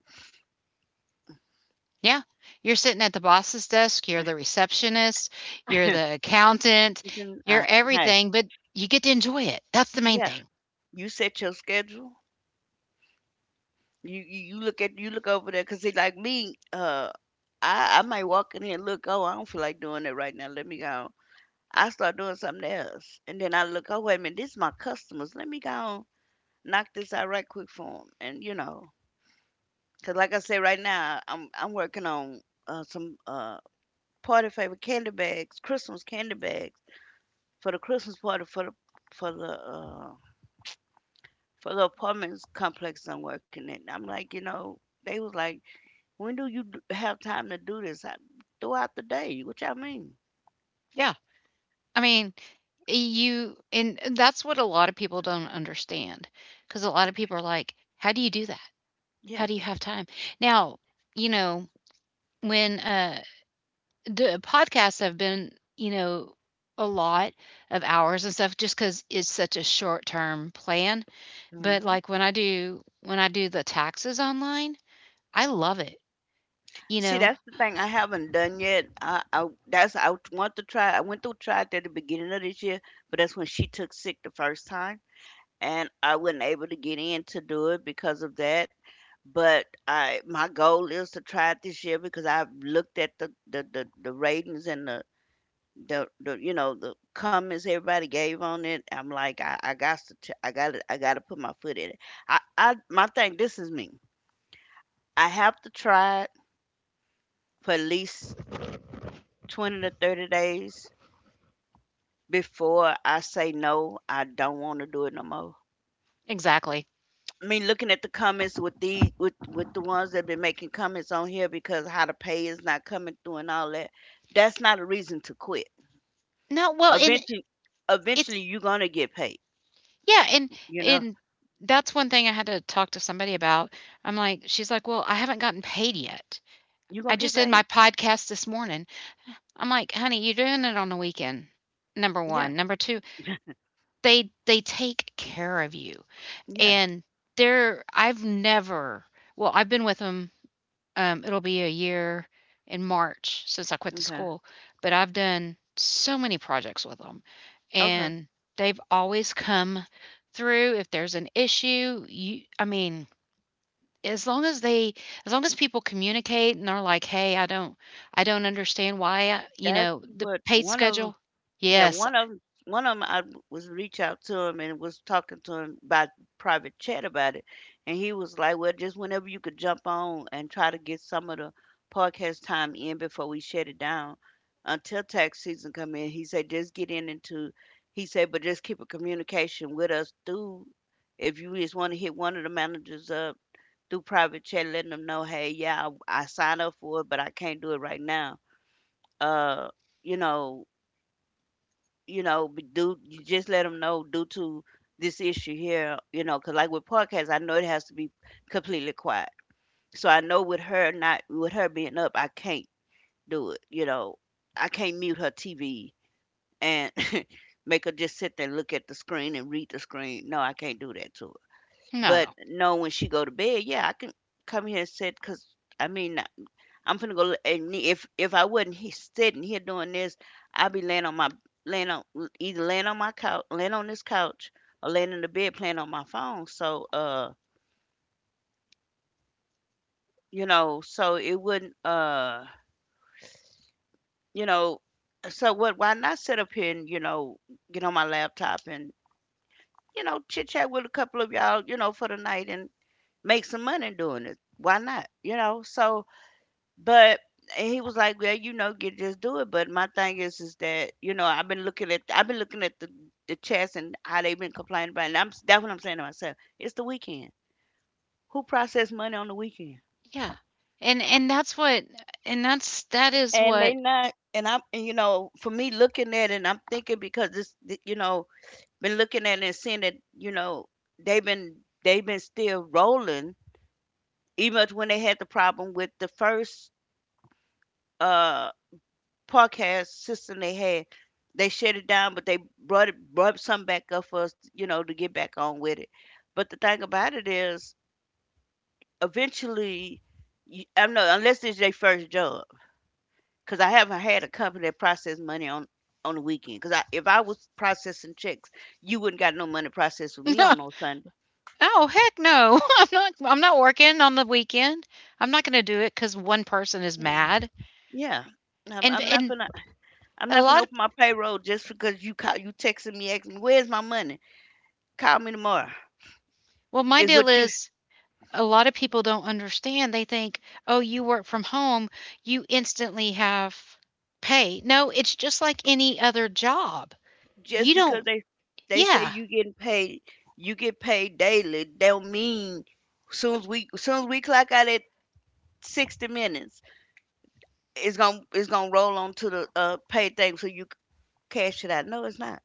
Speaker 1: Yeah. You're sitting at the boss's desk, you're the receptionist, you're the
Speaker 2: [laughs]
Speaker 1: accountant,
Speaker 2: You
Speaker 1: you're
Speaker 2: uh, hey,
Speaker 1: everything, but you get to enjoy it. That's the main
Speaker 2: yeah,
Speaker 1: thing.
Speaker 2: you set your schedule. You look at you look over there because like me, I might walk in here and look. Oh, I don't feel like doing it right now. Let me go. I start doing something else, and then I look. Oh, wait a minute, this is my customers. Let me go knock this out right quick for 'em. And you know. Cause like I say, right now I'm working on some party favor candy bags, Christmas candy bags for the Christmas party for the uh, for the apartment complex I'm working in. I'm like, you know, they was like, when do you have time to do this? I, throughout the day. What y'all mean?
Speaker 1: Yeah. I mean you and that's what a lot of people don't understand, because a lot of people are like, "How do you do that? How
Speaker 2: Yeah.
Speaker 1: do you have time?" Now, you know, when, the podcasts have been, you know, a lot of hours and stuff just because it's such a short-term plan, but,
Speaker 2: Hmm.
Speaker 1: like, when I do the taxes online, I love it, you
Speaker 2: See,
Speaker 1: know?
Speaker 2: that's the thing I haven't done yet. I that's I want to try. I went to try it at the beginning of this year, but that's when she took sick the first time and I wasn't able to get in to do it because of that. But I my goal is to try it this year because I've looked at the ratings and the you know the comments everybody gave on it. I'm like I got to put my foot in it. I my thing this is me. I have to try it for at least 20 to 30 days before I say no, I don't want to do it no more.
Speaker 1: Exactly.
Speaker 2: I mean, looking at the comments with the ones that been making comments on here because how the pay is not coming through and all that, that's not a reason to quit.
Speaker 1: No, well, and
Speaker 2: Eventually,
Speaker 1: it's
Speaker 2: eventually you're gonna get paid.
Speaker 1: yeah,
Speaker 2: You know,
Speaker 1: and that's one thing I had to talk to somebody about. I'm like she's like, "Well, I haven't gotten paid yet.
Speaker 2: you're gonna
Speaker 1: I
Speaker 2: get
Speaker 1: just did
Speaker 2: paid.
Speaker 1: my podcast this morning." I'm like, "Honey, you're doing it on the weekend. Number
Speaker 2: Yeah,
Speaker 1: 1, number 2,
Speaker 2: [laughs]
Speaker 1: they take care of you."
Speaker 2: yeah.
Speaker 1: And they're I've never well, I've been with them. It'll be a year in March since I quit the
Speaker 2: Okay,
Speaker 1: school, but I've done so many projects with them,
Speaker 2: okay.
Speaker 1: and they've always come through. If there's an issue, I mean, as long as they, as long as people communicate and are like, "Hey, I don't understand why, I, you
Speaker 2: That's
Speaker 1: know, the
Speaker 2: what
Speaker 1: pay
Speaker 2: one of them.
Speaker 1: schedule."
Speaker 2: Yeah,
Speaker 1: Yes.
Speaker 2: one of 'em I was reach out to him and was talking to him by private chat about it, and he was like, "Well, just whenever you could jump on and try to get some of the podcast time in before we shut it down until tax season come in." He said, "Just get in into," he said, "but just keep a communication with us through if you just want to hit one of the managers up through private chat, letting them know, hey, yeah, I signed up for it, but I can't do it right now." Uh, you know, you know, do you just let them know due to this issue here, you know, because like with podcasts, I know it has to be completely quiet. So I know with her not with her being up, I can't do it. You know, I can't mute her TV and [laughs] make her just sit there and look at the screen and read the screen. No, I can't do that to her. But
Speaker 1: No.
Speaker 2: no, when she go to bed, yeah, I can come here and sit because I mean I'm finna go. And if I wasn't sitting here doing this, I'd be laying on my laying on either laying on my couch, laying on this couch, or laying in the bed playing on my phone. So you know, so it wouldn't you know, so what? Why not sit up here and you know get on my laptop and you know chit chat with a couple of y'all, you know, for the night and make some money doing it. Why not? You know, so. But he was like, "Well, you know, get just do it." But my thing is that you know, I've been looking at the chats and how they've been complaining about it. And I'm that's what I'm saying to myself. It's the weekend. Who process money on the weekend?
Speaker 1: Yeah. And and that's what, and that's that is
Speaker 2: And they
Speaker 1: what.
Speaker 2: not, and I'm, and you know, for me looking at it, and I'm thinking because this, you know, been looking at it and seeing that, you know, they've been they've been still rolling, even when they had the problem with the first. uh Podcast system they had. They shut it down, but they brought some back up for us, you know, to get back on with it. But the thing about it is, eventually, you, I know unless it's their first job, because I haven't had a company that process money on the weekend. Because I, if I was processing checks, you wouldn't got no money processed with
Speaker 1: [laughs]
Speaker 2: me
Speaker 1: No.
Speaker 2: on no Sunday.
Speaker 1: Oh, heck no. [laughs] I'm not working on the weekend. I'm not gonna do it because one person is
Speaker 2: Mm.
Speaker 1: mad.
Speaker 2: Yeah. I'm not
Speaker 1: And
Speaker 2: gonna. I'm
Speaker 1: a
Speaker 2: not gonna
Speaker 1: lot of
Speaker 2: open my payroll just because you call, you texting me asking me where's my money. Call me tomorrow.
Speaker 1: well, my
Speaker 2: Is
Speaker 1: deal
Speaker 2: what you.
Speaker 1: is a lot of people don't understand. They think, "Oh, you work from home, you instantly have pay." No, it's just like any other job.
Speaker 2: Just
Speaker 1: You
Speaker 2: because
Speaker 1: don't.
Speaker 2: they say
Speaker 1: Yeah.
Speaker 2: you getting paid you get paid daily don't mean soon as we clock out at 60 minutes it's gonna roll on to the pay thing so cash it out, no it's not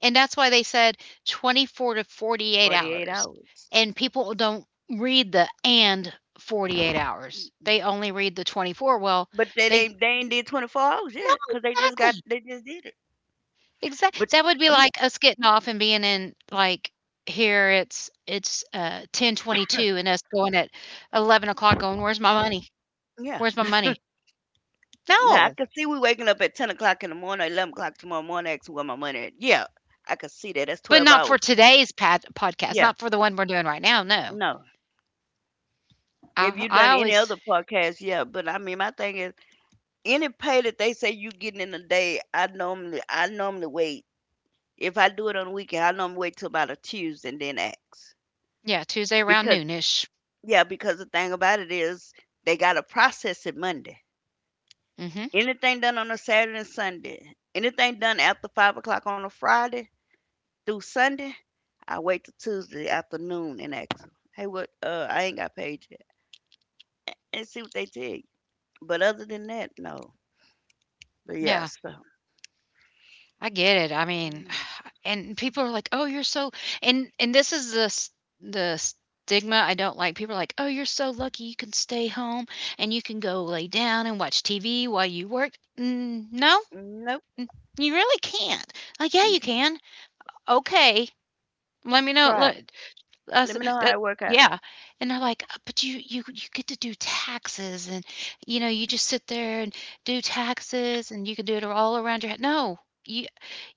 Speaker 1: And that's why they said 24 to 48
Speaker 2: 48
Speaker 1: hours.
Speaker 2: hours.
Speaker 1: And people don't read the and 48 hours.
Speaker 2: Mm-mm.
Speaker 1: They only read the 24. Well,
Speaker 2: But
Speaker 1: they
Speaker 2: they ain't did 24 hours
Speaker 1: no,
Speaker 2: yet because
Speaker 1: exactly.
Speaker 2: they just did it
Speaker 1: Exactly.
Speaker 2: but
Speaker 1: That would be
Speaker 2: um
Speaker 1: like us getting off and being in, like, here it's 10:22 and us going at 11 o'clock going, "Where's my money?
Speaker 2: yeah.
Speaker 1: Where's my money?"
Speaker 2: Now I
Speaker 1: No,
Speaker 2: can see we waking up at 10 o'clock in the morning, 11 o'clock tomorrow morning asking where my money at, yeah. I can see that, that's
Speaker 1: but
Speaker 2: 12
Speaker 1: not for
Speaker 2: hours.
Speaker 1: today's pad podcast,
Speaker 2: Yeah.
Speaker 1: not for the one we're doing right now, no.
Speaker 2: No. If you
Speaker 1: I
Speaker 2: done any
Speaker 1: always
Speaker 2: other podcast, yeah. But I mean, my thing is, any pay that they say you getting in a day, I normally wait. If I do it on the weekend, I normally wait till about a Tuesday and then ask.
Speaker 1: yeah, Tuesday around
Speaker 2: Because
Speaker 1: noonish. Ish
Speaker 2: yeah, because the thing about it is, they gotta process it Monday.
Speaker 1: Mhm,
Speaker 2: Anything done on a Saturday and Sunday, anything done after 5 o'clock on a Friday through Sunday, I wait till Tuesday afternoon and ask 'em, hey, what? I ain't got paid yet, and see what they tell you. But other than that, no. But yeah,
Speaker 1: yeah,
Speaker 2: so.
Speaker 1: I get it, I mean and people are like, "Oh, you're so," and this is the stigma I don't like. People are like, "Oh, you're so lucky. You can stay home and you can go lay down and watch TV while you work." Mm, no,
Speaker 2: Nope,
Speaker 1: you really can't. Like, yeah,
Speaker 2: you
Speaker 1: you
Speaker 2: can't.
Speaker 1: can. Okay, let me know.
Speaker 2: Try it.
Speaker 1: Look, I
Speaker 2: Let
Speaker 1: said,
Speaker 2: me know how
Speaker 1: that,
Speaker 2: it work out.
Speaker 1: yeah, and they're like, but you get to do taxes, and you know you just sit there and do taxes, and you can do it all around your head." No. You,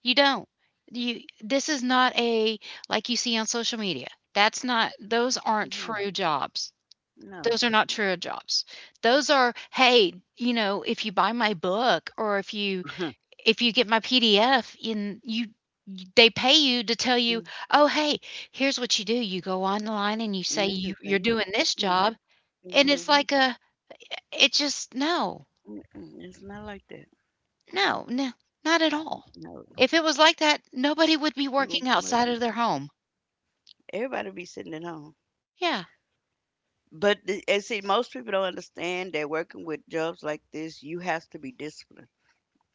Speaker 1: you don't. You this is not a like you see on social media. That's not those aren't
Speaker 2: No,
Speaker 1: true jobs.
Speaker 2: no.
Speaker 1: Those are not true jobs. Those are, "Hey, you know, if you buy my book or
Speaker 2: [laughs]
Speaker 1: if you get my PDF in you they pay you to tell you.
Speaker 2: Mm,
Speaker 1: Oh, hey, here's what you do. You go online and you say
Speaker 2: no, I just say
Speaker 1: you're doing this
Speaker 2: you know,
Speaker 1: job,'
Speaker 2: that's
Speaker 1: and it's
Speaker 2: mhm,
Speaker 1: like a it just no.
Speaker 2: mm-mm, it's not like that.
Speaker 1: No, no, not at
Speaker 2: Mm,
Speaker 1: all.
Speaker 2: no,
Speaker 1: If it was like that, nobody would be
Speaker 2: it won't
Speaker 1: working
Speaker 2: work.
Speaker 1: outside of their home.
Speaker 2: Everybody be sitting at home.
Speaker 1: Yeah.
Speaker 2: But the, and see, most people don't understand that working with jobs like this, you have to be disciplined.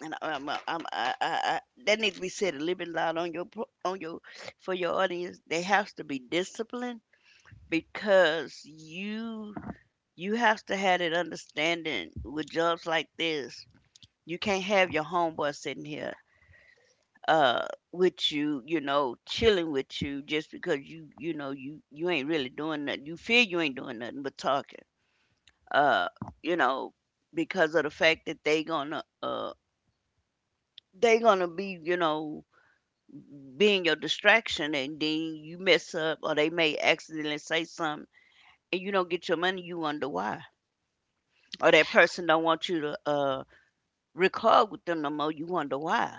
Speaker 2: And I, that needs to be said a little bit loud on your, pro- on your, for your audience. They have to be disciplined because you have to have that understanding with jobs like this. You can't have your homeboy sitting here uh with you, you know, chilling with you just because you ain't really doing nothing. You feel you ain't doing nothing but talking. Uh, you know, because of the fact that they gonna be, you know, being your distraction and then you mess up or they may accidentally say something and you don't get your money, you wonder why. Or that person don't want you to record with them no more, you wonder why.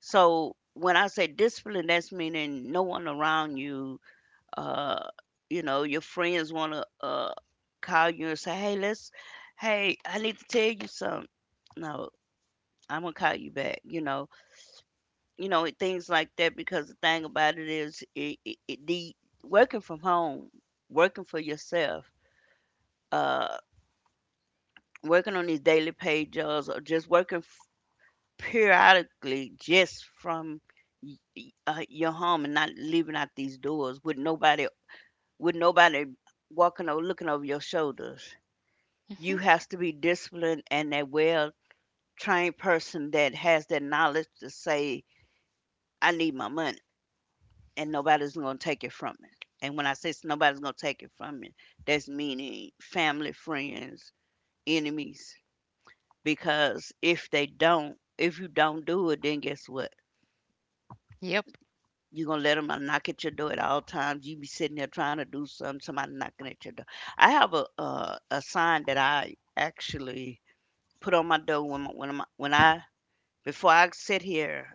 Speaker 2: So when I say discipline, that's meaning no one around you. Uh, you know, your friends want to call you and say, "Hey, let's, hey, I need to tell you something." No, I'm gonna call you back. You know things like that because the thing about it is, it the working from home, working for yourself, uh, working on these daily paid jobs, or just working periodically just from your home and not leaving out these doors with nobody walking or looking over your shoulders. You
Speaker 1: Mhm.
Speaker 2: has to be disciplined and a well trained person that has that knowledge to say, I need my money and nobody's gonna take it from me. And when I say nobody's gonna take it from me, that's meaning family, friends, enemies. Because if they don't, if you don't do it, then guess what?
Speaker 1: Yep.
Speaker 2: You gonna let them knock at your door at all times. You be sitting there trying to do something, somebody knocking at your door. I have a sign that I actually put on my door when I before I sit here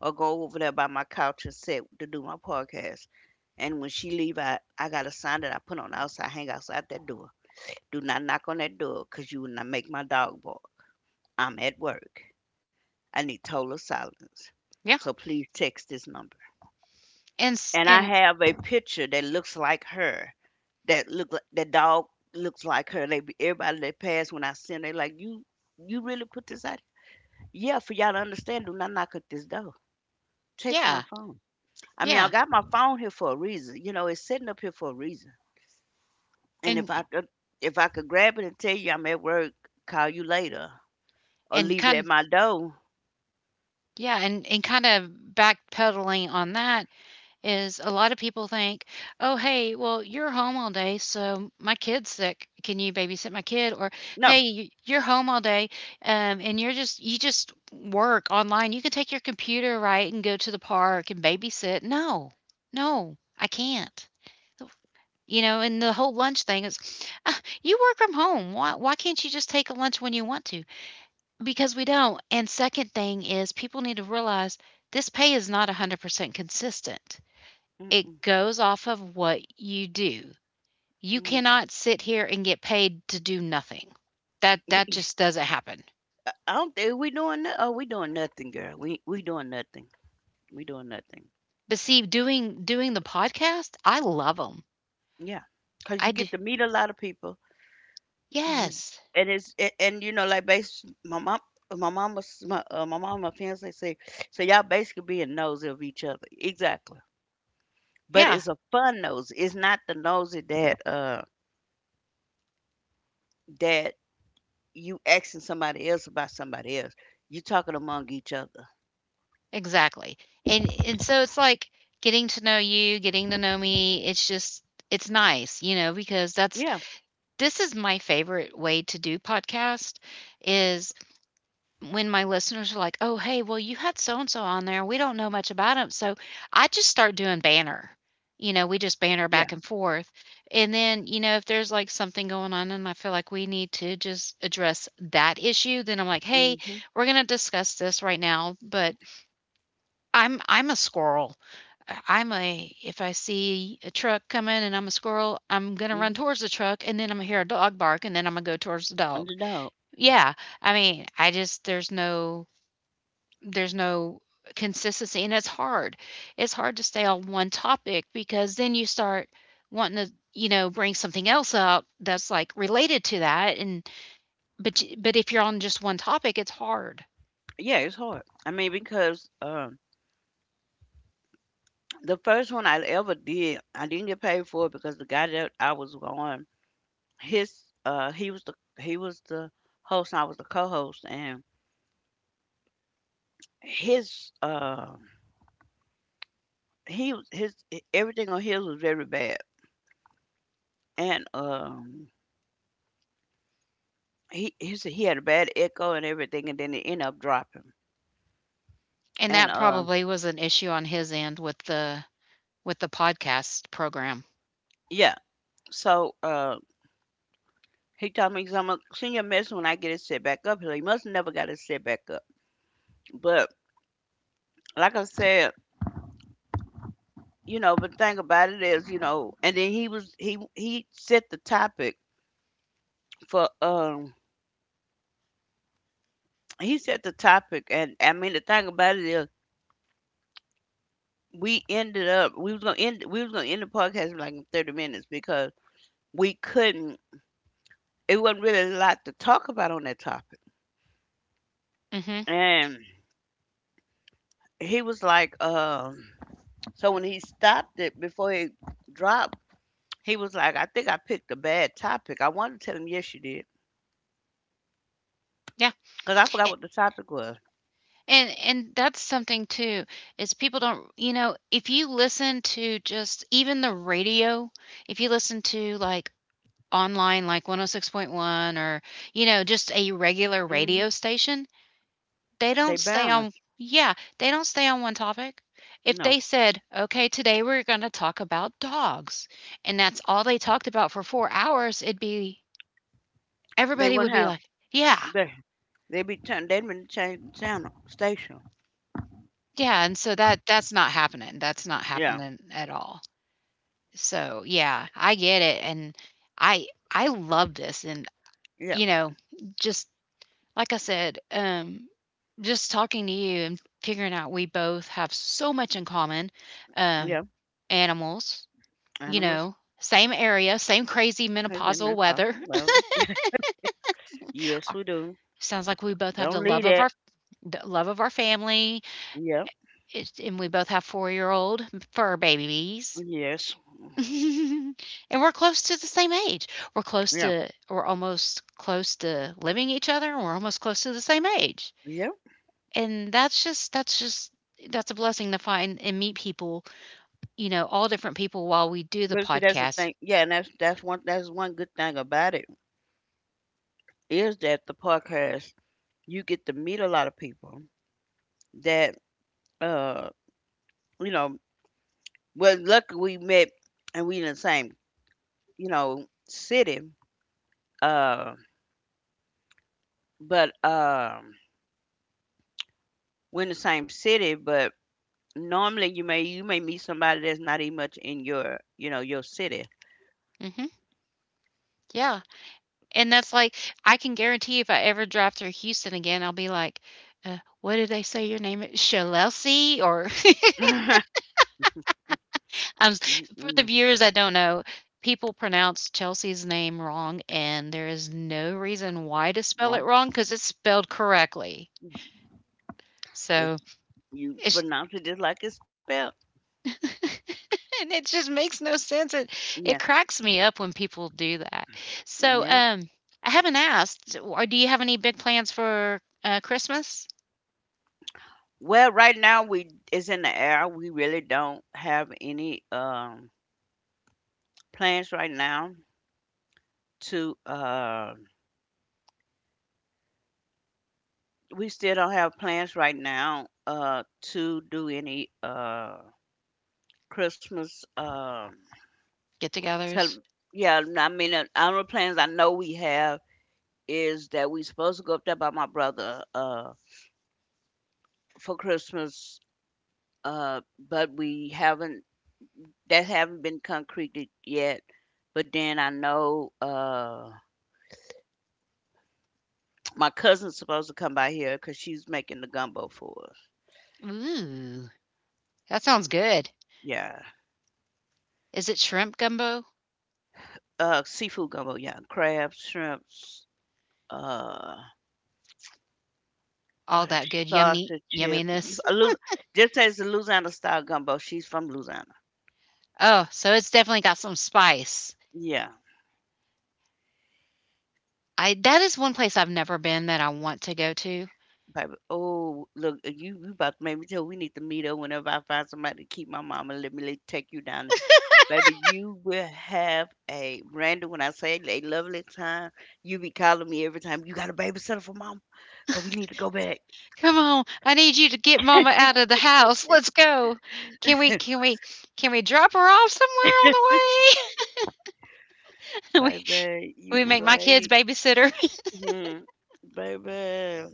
Speaker 2: or go over there by my couch and sit to do my podcast. And when she leave, I got a sign that I put on the outside, hang outside that door. Do not knock on that door, cause you will not make my dog bark. I'm at work. I need total silence.
Speaker 1: Yeah.
Speaker 2: So please text this number.
Speaker 1: And s
Speaker 2: And I
Speaker 1: and
Speaker 2: have a picture that looks like her. That look like that dog looks like her. Everybody that pass when I see 'em, they like, you. You really put this out? Yeah, for y'all to understand. Do not knock at this door. Text my
Speaker 1: yeah,
Speaker 2: phone. I mean, I
Speaker 1: yeah,
Speaker 2: got my phone here for a reason. You know, it's sitting up here for a reason. And
Speaker 1: and
Speaker 2: if I could grab it and tell you I'm at work, call you later, or
Speaker 1: and
Speaker 2: leave it at
Speaker 1: kind
Speaker 2: my door.
Speaker 1: yeah, and kinda backpedaling on that is a lot of people think, "Oh, hey, well, you're home all day, so my kid's sick. Can you babysit my kid?" Or,
Speaker 2: No.
Speaker 1: "Hey, y you're home all day, and you're just you just work online. You can take your computer, right, and go to the park and babysit." No. No, I can't. You know, and the whole lunch thing is, "Ah, you work from home. Why can't you just take a lunch when you want to? Because we don't. And second thing is, people need to realize this pay is not 100% consistent. It
Speaker 2: Mm-mm.
Speaker 1: goes off of what you do. You
Speaker 2: Mm, yeah.
Speaker 1: cannot sit here and get paid to do nothing. That just
Speaker 2: [laughs]
Speaker 1: doesn't happen.
Speaker 2: I don't think we doing. Oh, we doing nothing, girl. We doing nothing. We doing nothing.
Speaker 1: But see, doing the podcast, I love them.
Speaker 2: Yeah, cause you
Speaker 1: I do.
Speaker 2: get to meet a lot of people. You
Speaker 1: Yes.
Speaker 2: and it's and, you know, like, base my mom, my mama's, my my mama fiance say, so y'all basically being nosy of each other exactly. But
Speaker 1: Yeah.
Speaker 2: it's a fun nosy. It's not the nosy that that you asking somebody else about somebody else. You talking among each other.
Speaker 1: Exactly. And so it's like getting to know you, getting to know me. It's just it's nice, you know, because that's
Speaker 2: Yeah,
Speaker 1: this is my favorite way to do podcast is when my listeners are like, "Oh, hey, well you had so and so on there. We don't know much about him." So I just start doing banner. You know, we just banter
Speaker 2: yeah.
Speaker 1: back and forth. And then, you know, if there's like something going on and I feel like we need to just address that issue, then I'm like, "Hey,
Speaker 2: Mhm.
Speaker 1: we're going to discuss this right now, but I'm a squirrel. I- I'm a If I see a truck coming and I'm a squirrel, I'm gonna run
Speaker 2: Mhm.
Speaker 1: towards the truck and then I'm gonna hear a dog bark and then I'm gonna go towards the
Speaker 2: And
Speaker 1: dog.
Speaker 2: no.
Speaker 1: Yeah, I mean, I just there's there's no consistency and it's hard. It's hard to stay on one topic because then you start wanting to you know bring something else out that's like related to that but if you're on just one topic it's hard.
Speaker 2: Yeah, it's hard. I mean, because the first one I ever did, I didn't get paid for it because the guy that I was on, his he was the host and I was the co-host, and his he was his e- everything on his was very bad. And he his, he had a bad echo and everything, and then it ended up dropping.
Speaker 1: And
Speaker 2: And
Speaker 1: that probably was an issue on his end with the podcast program.
Speaker 2: Yeah, so he told me, because I'm gonna send you a message when I get it set back up. So he like, must never got it set back up. But like I said, you know, but the thing about it is, you know, and then he was he set the topic for he set the topic, and I mean the thing about it is, we ended up we was gonna end the podcast in like 30 minutes, because we couldn't. It wasn't really a lot to talk about on that topic,
Speaker 1: Hmm.
Speaker 2: and he was like, so when he stopped it before he dropped, he was like, I think I picked a bad topic. I wanted to tell him, yes, you did,
Speaker 1: Yeah.
Speaker 2: because I forgot
Speaker 1: A-
Speaker 2: what the topic was.
Speaker 1: and that's something too is people don't you know if you listen to just even the radio, if you listen to like online like 106.1 or, you know, just a regular radio
Speaker 2: Hmm.
Speaker 1: station, they
Speaker 2: They
Speaker 1: don't stay
Speaker 2: balanced.
Speaker 1: on. Yeah, they don't stay on one topic. If
Speaker 2: No,
Speaker 1: they said, okay, today we're going to talk about dogs and that's all they talked about for 4 hours, it'd be
Speaker 2: they
Speaker 1: everybody would
Speaker 2: wouldn't
Speaker 1: be
Speaker 2: have.
Speaker 1: like yeah.
Speaker 2: They they be turn. They had been change the channel station.
Speaker 1: Yeah, and so that's not happening, that's not
Speaker 2: Yeah,
Speaker 1: happening at all. So, yeah, I get it, and I love this, and,
Speaker 2: yeah,
Speaker 1: you know, just like I said, just talking to you and figuring out we both have so much in common, um,
Speaker 2: yeah.
Speaker 1: animals, you
Speaker 2: Animals
Speaker 1: know, same area, same crazy menopausal
Speaker 2: consumption
Speaker 1: weather.
Speaker 2: possible. Well, yes, we do.
Speaker 1: [laughs] Sounds like we both have
Speaker 2: Don't leave that.
Speaker 1: the love of our family,
Speaker 2: Yeah.
Speaker 1: it's and we both have four-year-old fur babies.
Speaker 2: Yes.
Speaker 1: [laughs] And we're close to the same age.
Speaker 2: Yeah.
Speaker 1: We're almost close to living each other, and we're almost close to the same age.
Speaker 2: Yeah.
Speaker 1: And that's just that's a blessing to find and meet people, you know, all different people while we do the
Speaker 2: But see, that's the
Speaker 1: podcast.
Speaker 2: thing. Yeah, and that's that's one good thing about it, is that the podcast, you get to meet a lot of people that uh you know, well, luckily we met and we in the same, you know, city. Uh but We're in the same city, but normally you may, you may meet somebody that's not even much in your, you know, your city.
Speaker 1: Mhm. Yeah. And that's like, I can guarantee if I ever drive through Houston again, I'll be like, "What did they say your name is? Shellelsey or
Speaker 2: [laughs]
Speaker 1: for the
Speaker 2: Mm-mm.
Speaker 1: viewers that don't know, people pronounce Chelsea's name wrong, and there is no reason why to spell it
Speaker 2: Well,
Speaker 1: wrong because it's spelled correctly.
Speaker 2: it's,
Speaker 1: So
Speaker 2: you
Speaker 1: it's
Speaker 2: pronounce it just like it's spelled.
Speaker 1: [laughs] and it just makes no sense. It
Speaker 2: Yeah,
Speaker 1: cracks me up when people do that. So
Speaker 2: yeah.
Speaker 1: I haven't asked. Or do you have any big plans for Christmas
Speaker 2: Well, right now we, it's in the air. We really don't have any plans right now to we still don't have plans right now to do any Christmas
Speaker 1: get-togethers?
Speaker 2: cel- yeah, I mean our plans I know we have is that we supposed to go up there by my brother for Christmas, but we haven't, that haven't been concreted yet. But then I know, my cousin's supposed to come by here because she's making the gumbo for us.
Speaker 1: Ooh, that sounds good.
Speaker 2: Yeah,
Speaker 1: Is it shrimp gumbo?
Speaker 2: seafood gumbo. Yeah, crab, shrimps, uh,
Speaker 1: All
Speaker 2: what else?
Speaker 1: that good yummy
Speaker 2: Sausage, chip.
Speaker 1: yumminess.
Speaker 2: A Lu- just as the Louisiana style gumbo. She's from Louisiana.
Speaker 1: Oh, so it's definitely got some spice.
Speaker 2: Yeah,
Speaker 1: I that is one place I've never been that I want to go to.
Speaker 2: baby. Oh, look, you about to make me tell. We need to meet up whenever I find somebody to keep my mama. Take you down. Baby, you will have a Randall. When I say a lovely time, you be calling me every time. You got a babysitter for mom? Cause we need to go back.
Speaker 1: Come on, I need you to get mama out of the house. Let's go. Can we can we can we drop her off somewhere on
Speaker 2: [laughs]
Speaker 1: the way?
Speaker 2: Baby.
Speaker 1: [laughs] we,
Speaker 2: You
Speaker 1: we
Speaker 2: be
Speaker 1: make my kids
Speaker 2: like,
Speaker 1: babysitter.
Speaker 2: hmm, baby.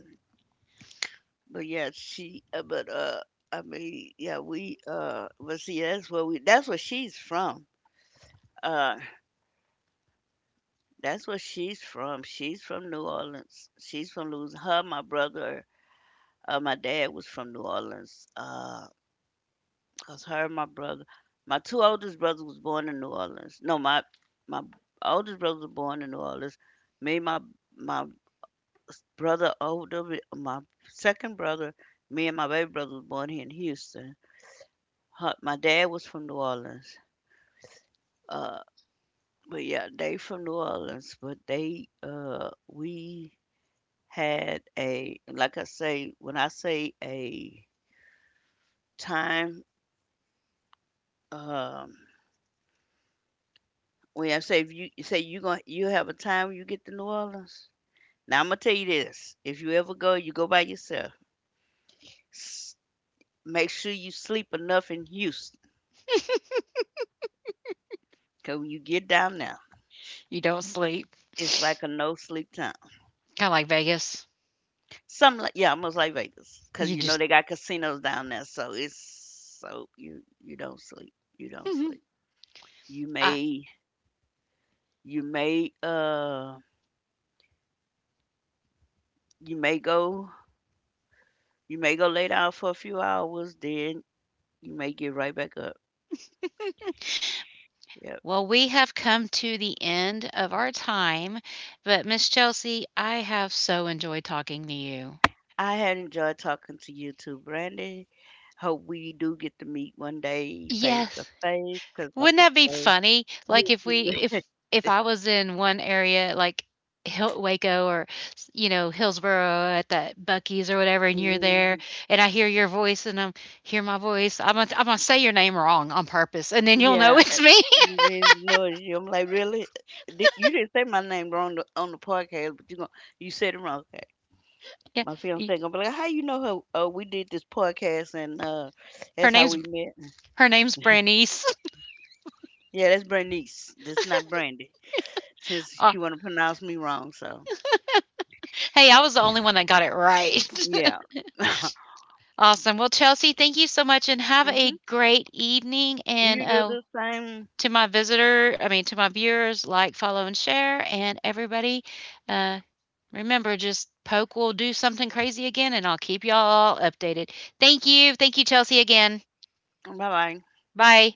Speaker 2: But yeah, she. But I mean, yeah, we. But see, that's where we. That's where she's from. Uh, that's where she's from. She's from New Orleans. She's from Louisiana. Her, my brother, my dad was from New Orleans. Cause her and my brother, my two oldest brothers was born in New Orleans. No, my oldest brother was born in New Orleans. Me, my brother older, my second brother, me and my baby brother was born here in Houston. Her, my dad was from New Orleans. Uh, but yeah, they from New Orleans. But they, we had a, like I say, when I say a time. Um, When I say, if you, you say you gonna, you have a time when you get to New Orleans. Now Imma tell you this, if you ever go, you go by yourself. S Make sure you sleep enough in Houston, 'cause when you get down there,
Speaker 1: [laughs] You don't sleep.
Speaker 2: it's like a no sleep town.
Speaker 1: Kind of like Vegas.
Speaker 2: Some like, yeah, almost like Vegas, 'cause
Speaker 1: You
Speaker 2: you know
Speaker 1: just
Speaker 2: they got casinos down there, so it's, so you don't sleep, you don't
Speaker 1: [laughs]
Speaker 2: sleep. You
Speaker 1: I,
Speaker 2: may, you may you may go, you may go lay down for a few hours, then you may get right back up. Yep.
Speaker 1: well, we have come to the end of our time, but Miss Chelsea, I have so enjoyed talking to you.
Speaker 2: I have enjoyed talking to you too, Brandy. Hope we do get to meet one day face to
Speaker 1: Yes.
Speaker 2: face, 'cause like
Speaker 1: Wouldn't
Speaker 2: I
Speaker 1: that be
Speaker 2: say,
Speaker 1: funny? Like
Speaker 2: yes,
Speaker 1: if we
Speaker 2: [laughs]
Speaker 1: if I was in one area like Hill, Waco or you know Hillsboro at that Bucky's or whatever, and you're there,
Speaker 2: mm-hmm.
Speaker 1: and I hear your voice, and I'm hear my voice. I'm gonna say your name wrong on purpose, and then you'll know [laughs]
Speaker 2: Yeah,
Speaker 1: it's me.
Speaker 2: there's no issue. I'm like, really? Did, you didn't say my name wrong the, on the podcast, but you going, you said it wrong. Okay.
Speaker 1: Yeah,
Speaker 2: My
Speaker 1: y-
Speaker 2: fiance gonna be like, how you know her? We did this podcast and
Speaker 1: her
Speaker 2: that's how
Speaker 1: name's
Speaker 2: we met.
Speaker 1: her name's Brandice. [laughs]
Speaker 2: Yeah, that's Brandice. That's not Brandy, since
Speaker 1: Uh,
Speaker 2: she wanna pronounce me wrong. So
Speaker 1: hey, I was the
Speaker 2: yeah,
Speaker 1: only one that got it right.
Speaker 2: yeah. [laughs]
Speaker 1: [laughs] Awesome. Well, Chelsea, thank you so much, and have a
Speaker 2: Hmm.
Speaker 1: great evening. And
Speaker 2: You do the same.
Speaker 1: to my visitor, I mean, to my viewers, like, follow, and share. And everybody, uh, remember, just Poke will do something crazy again, and I'll keep y'all updated. Thank you. Thank you, Chelsea, again.
Speaker 2: Bye bye.
Speaker 1: Bye.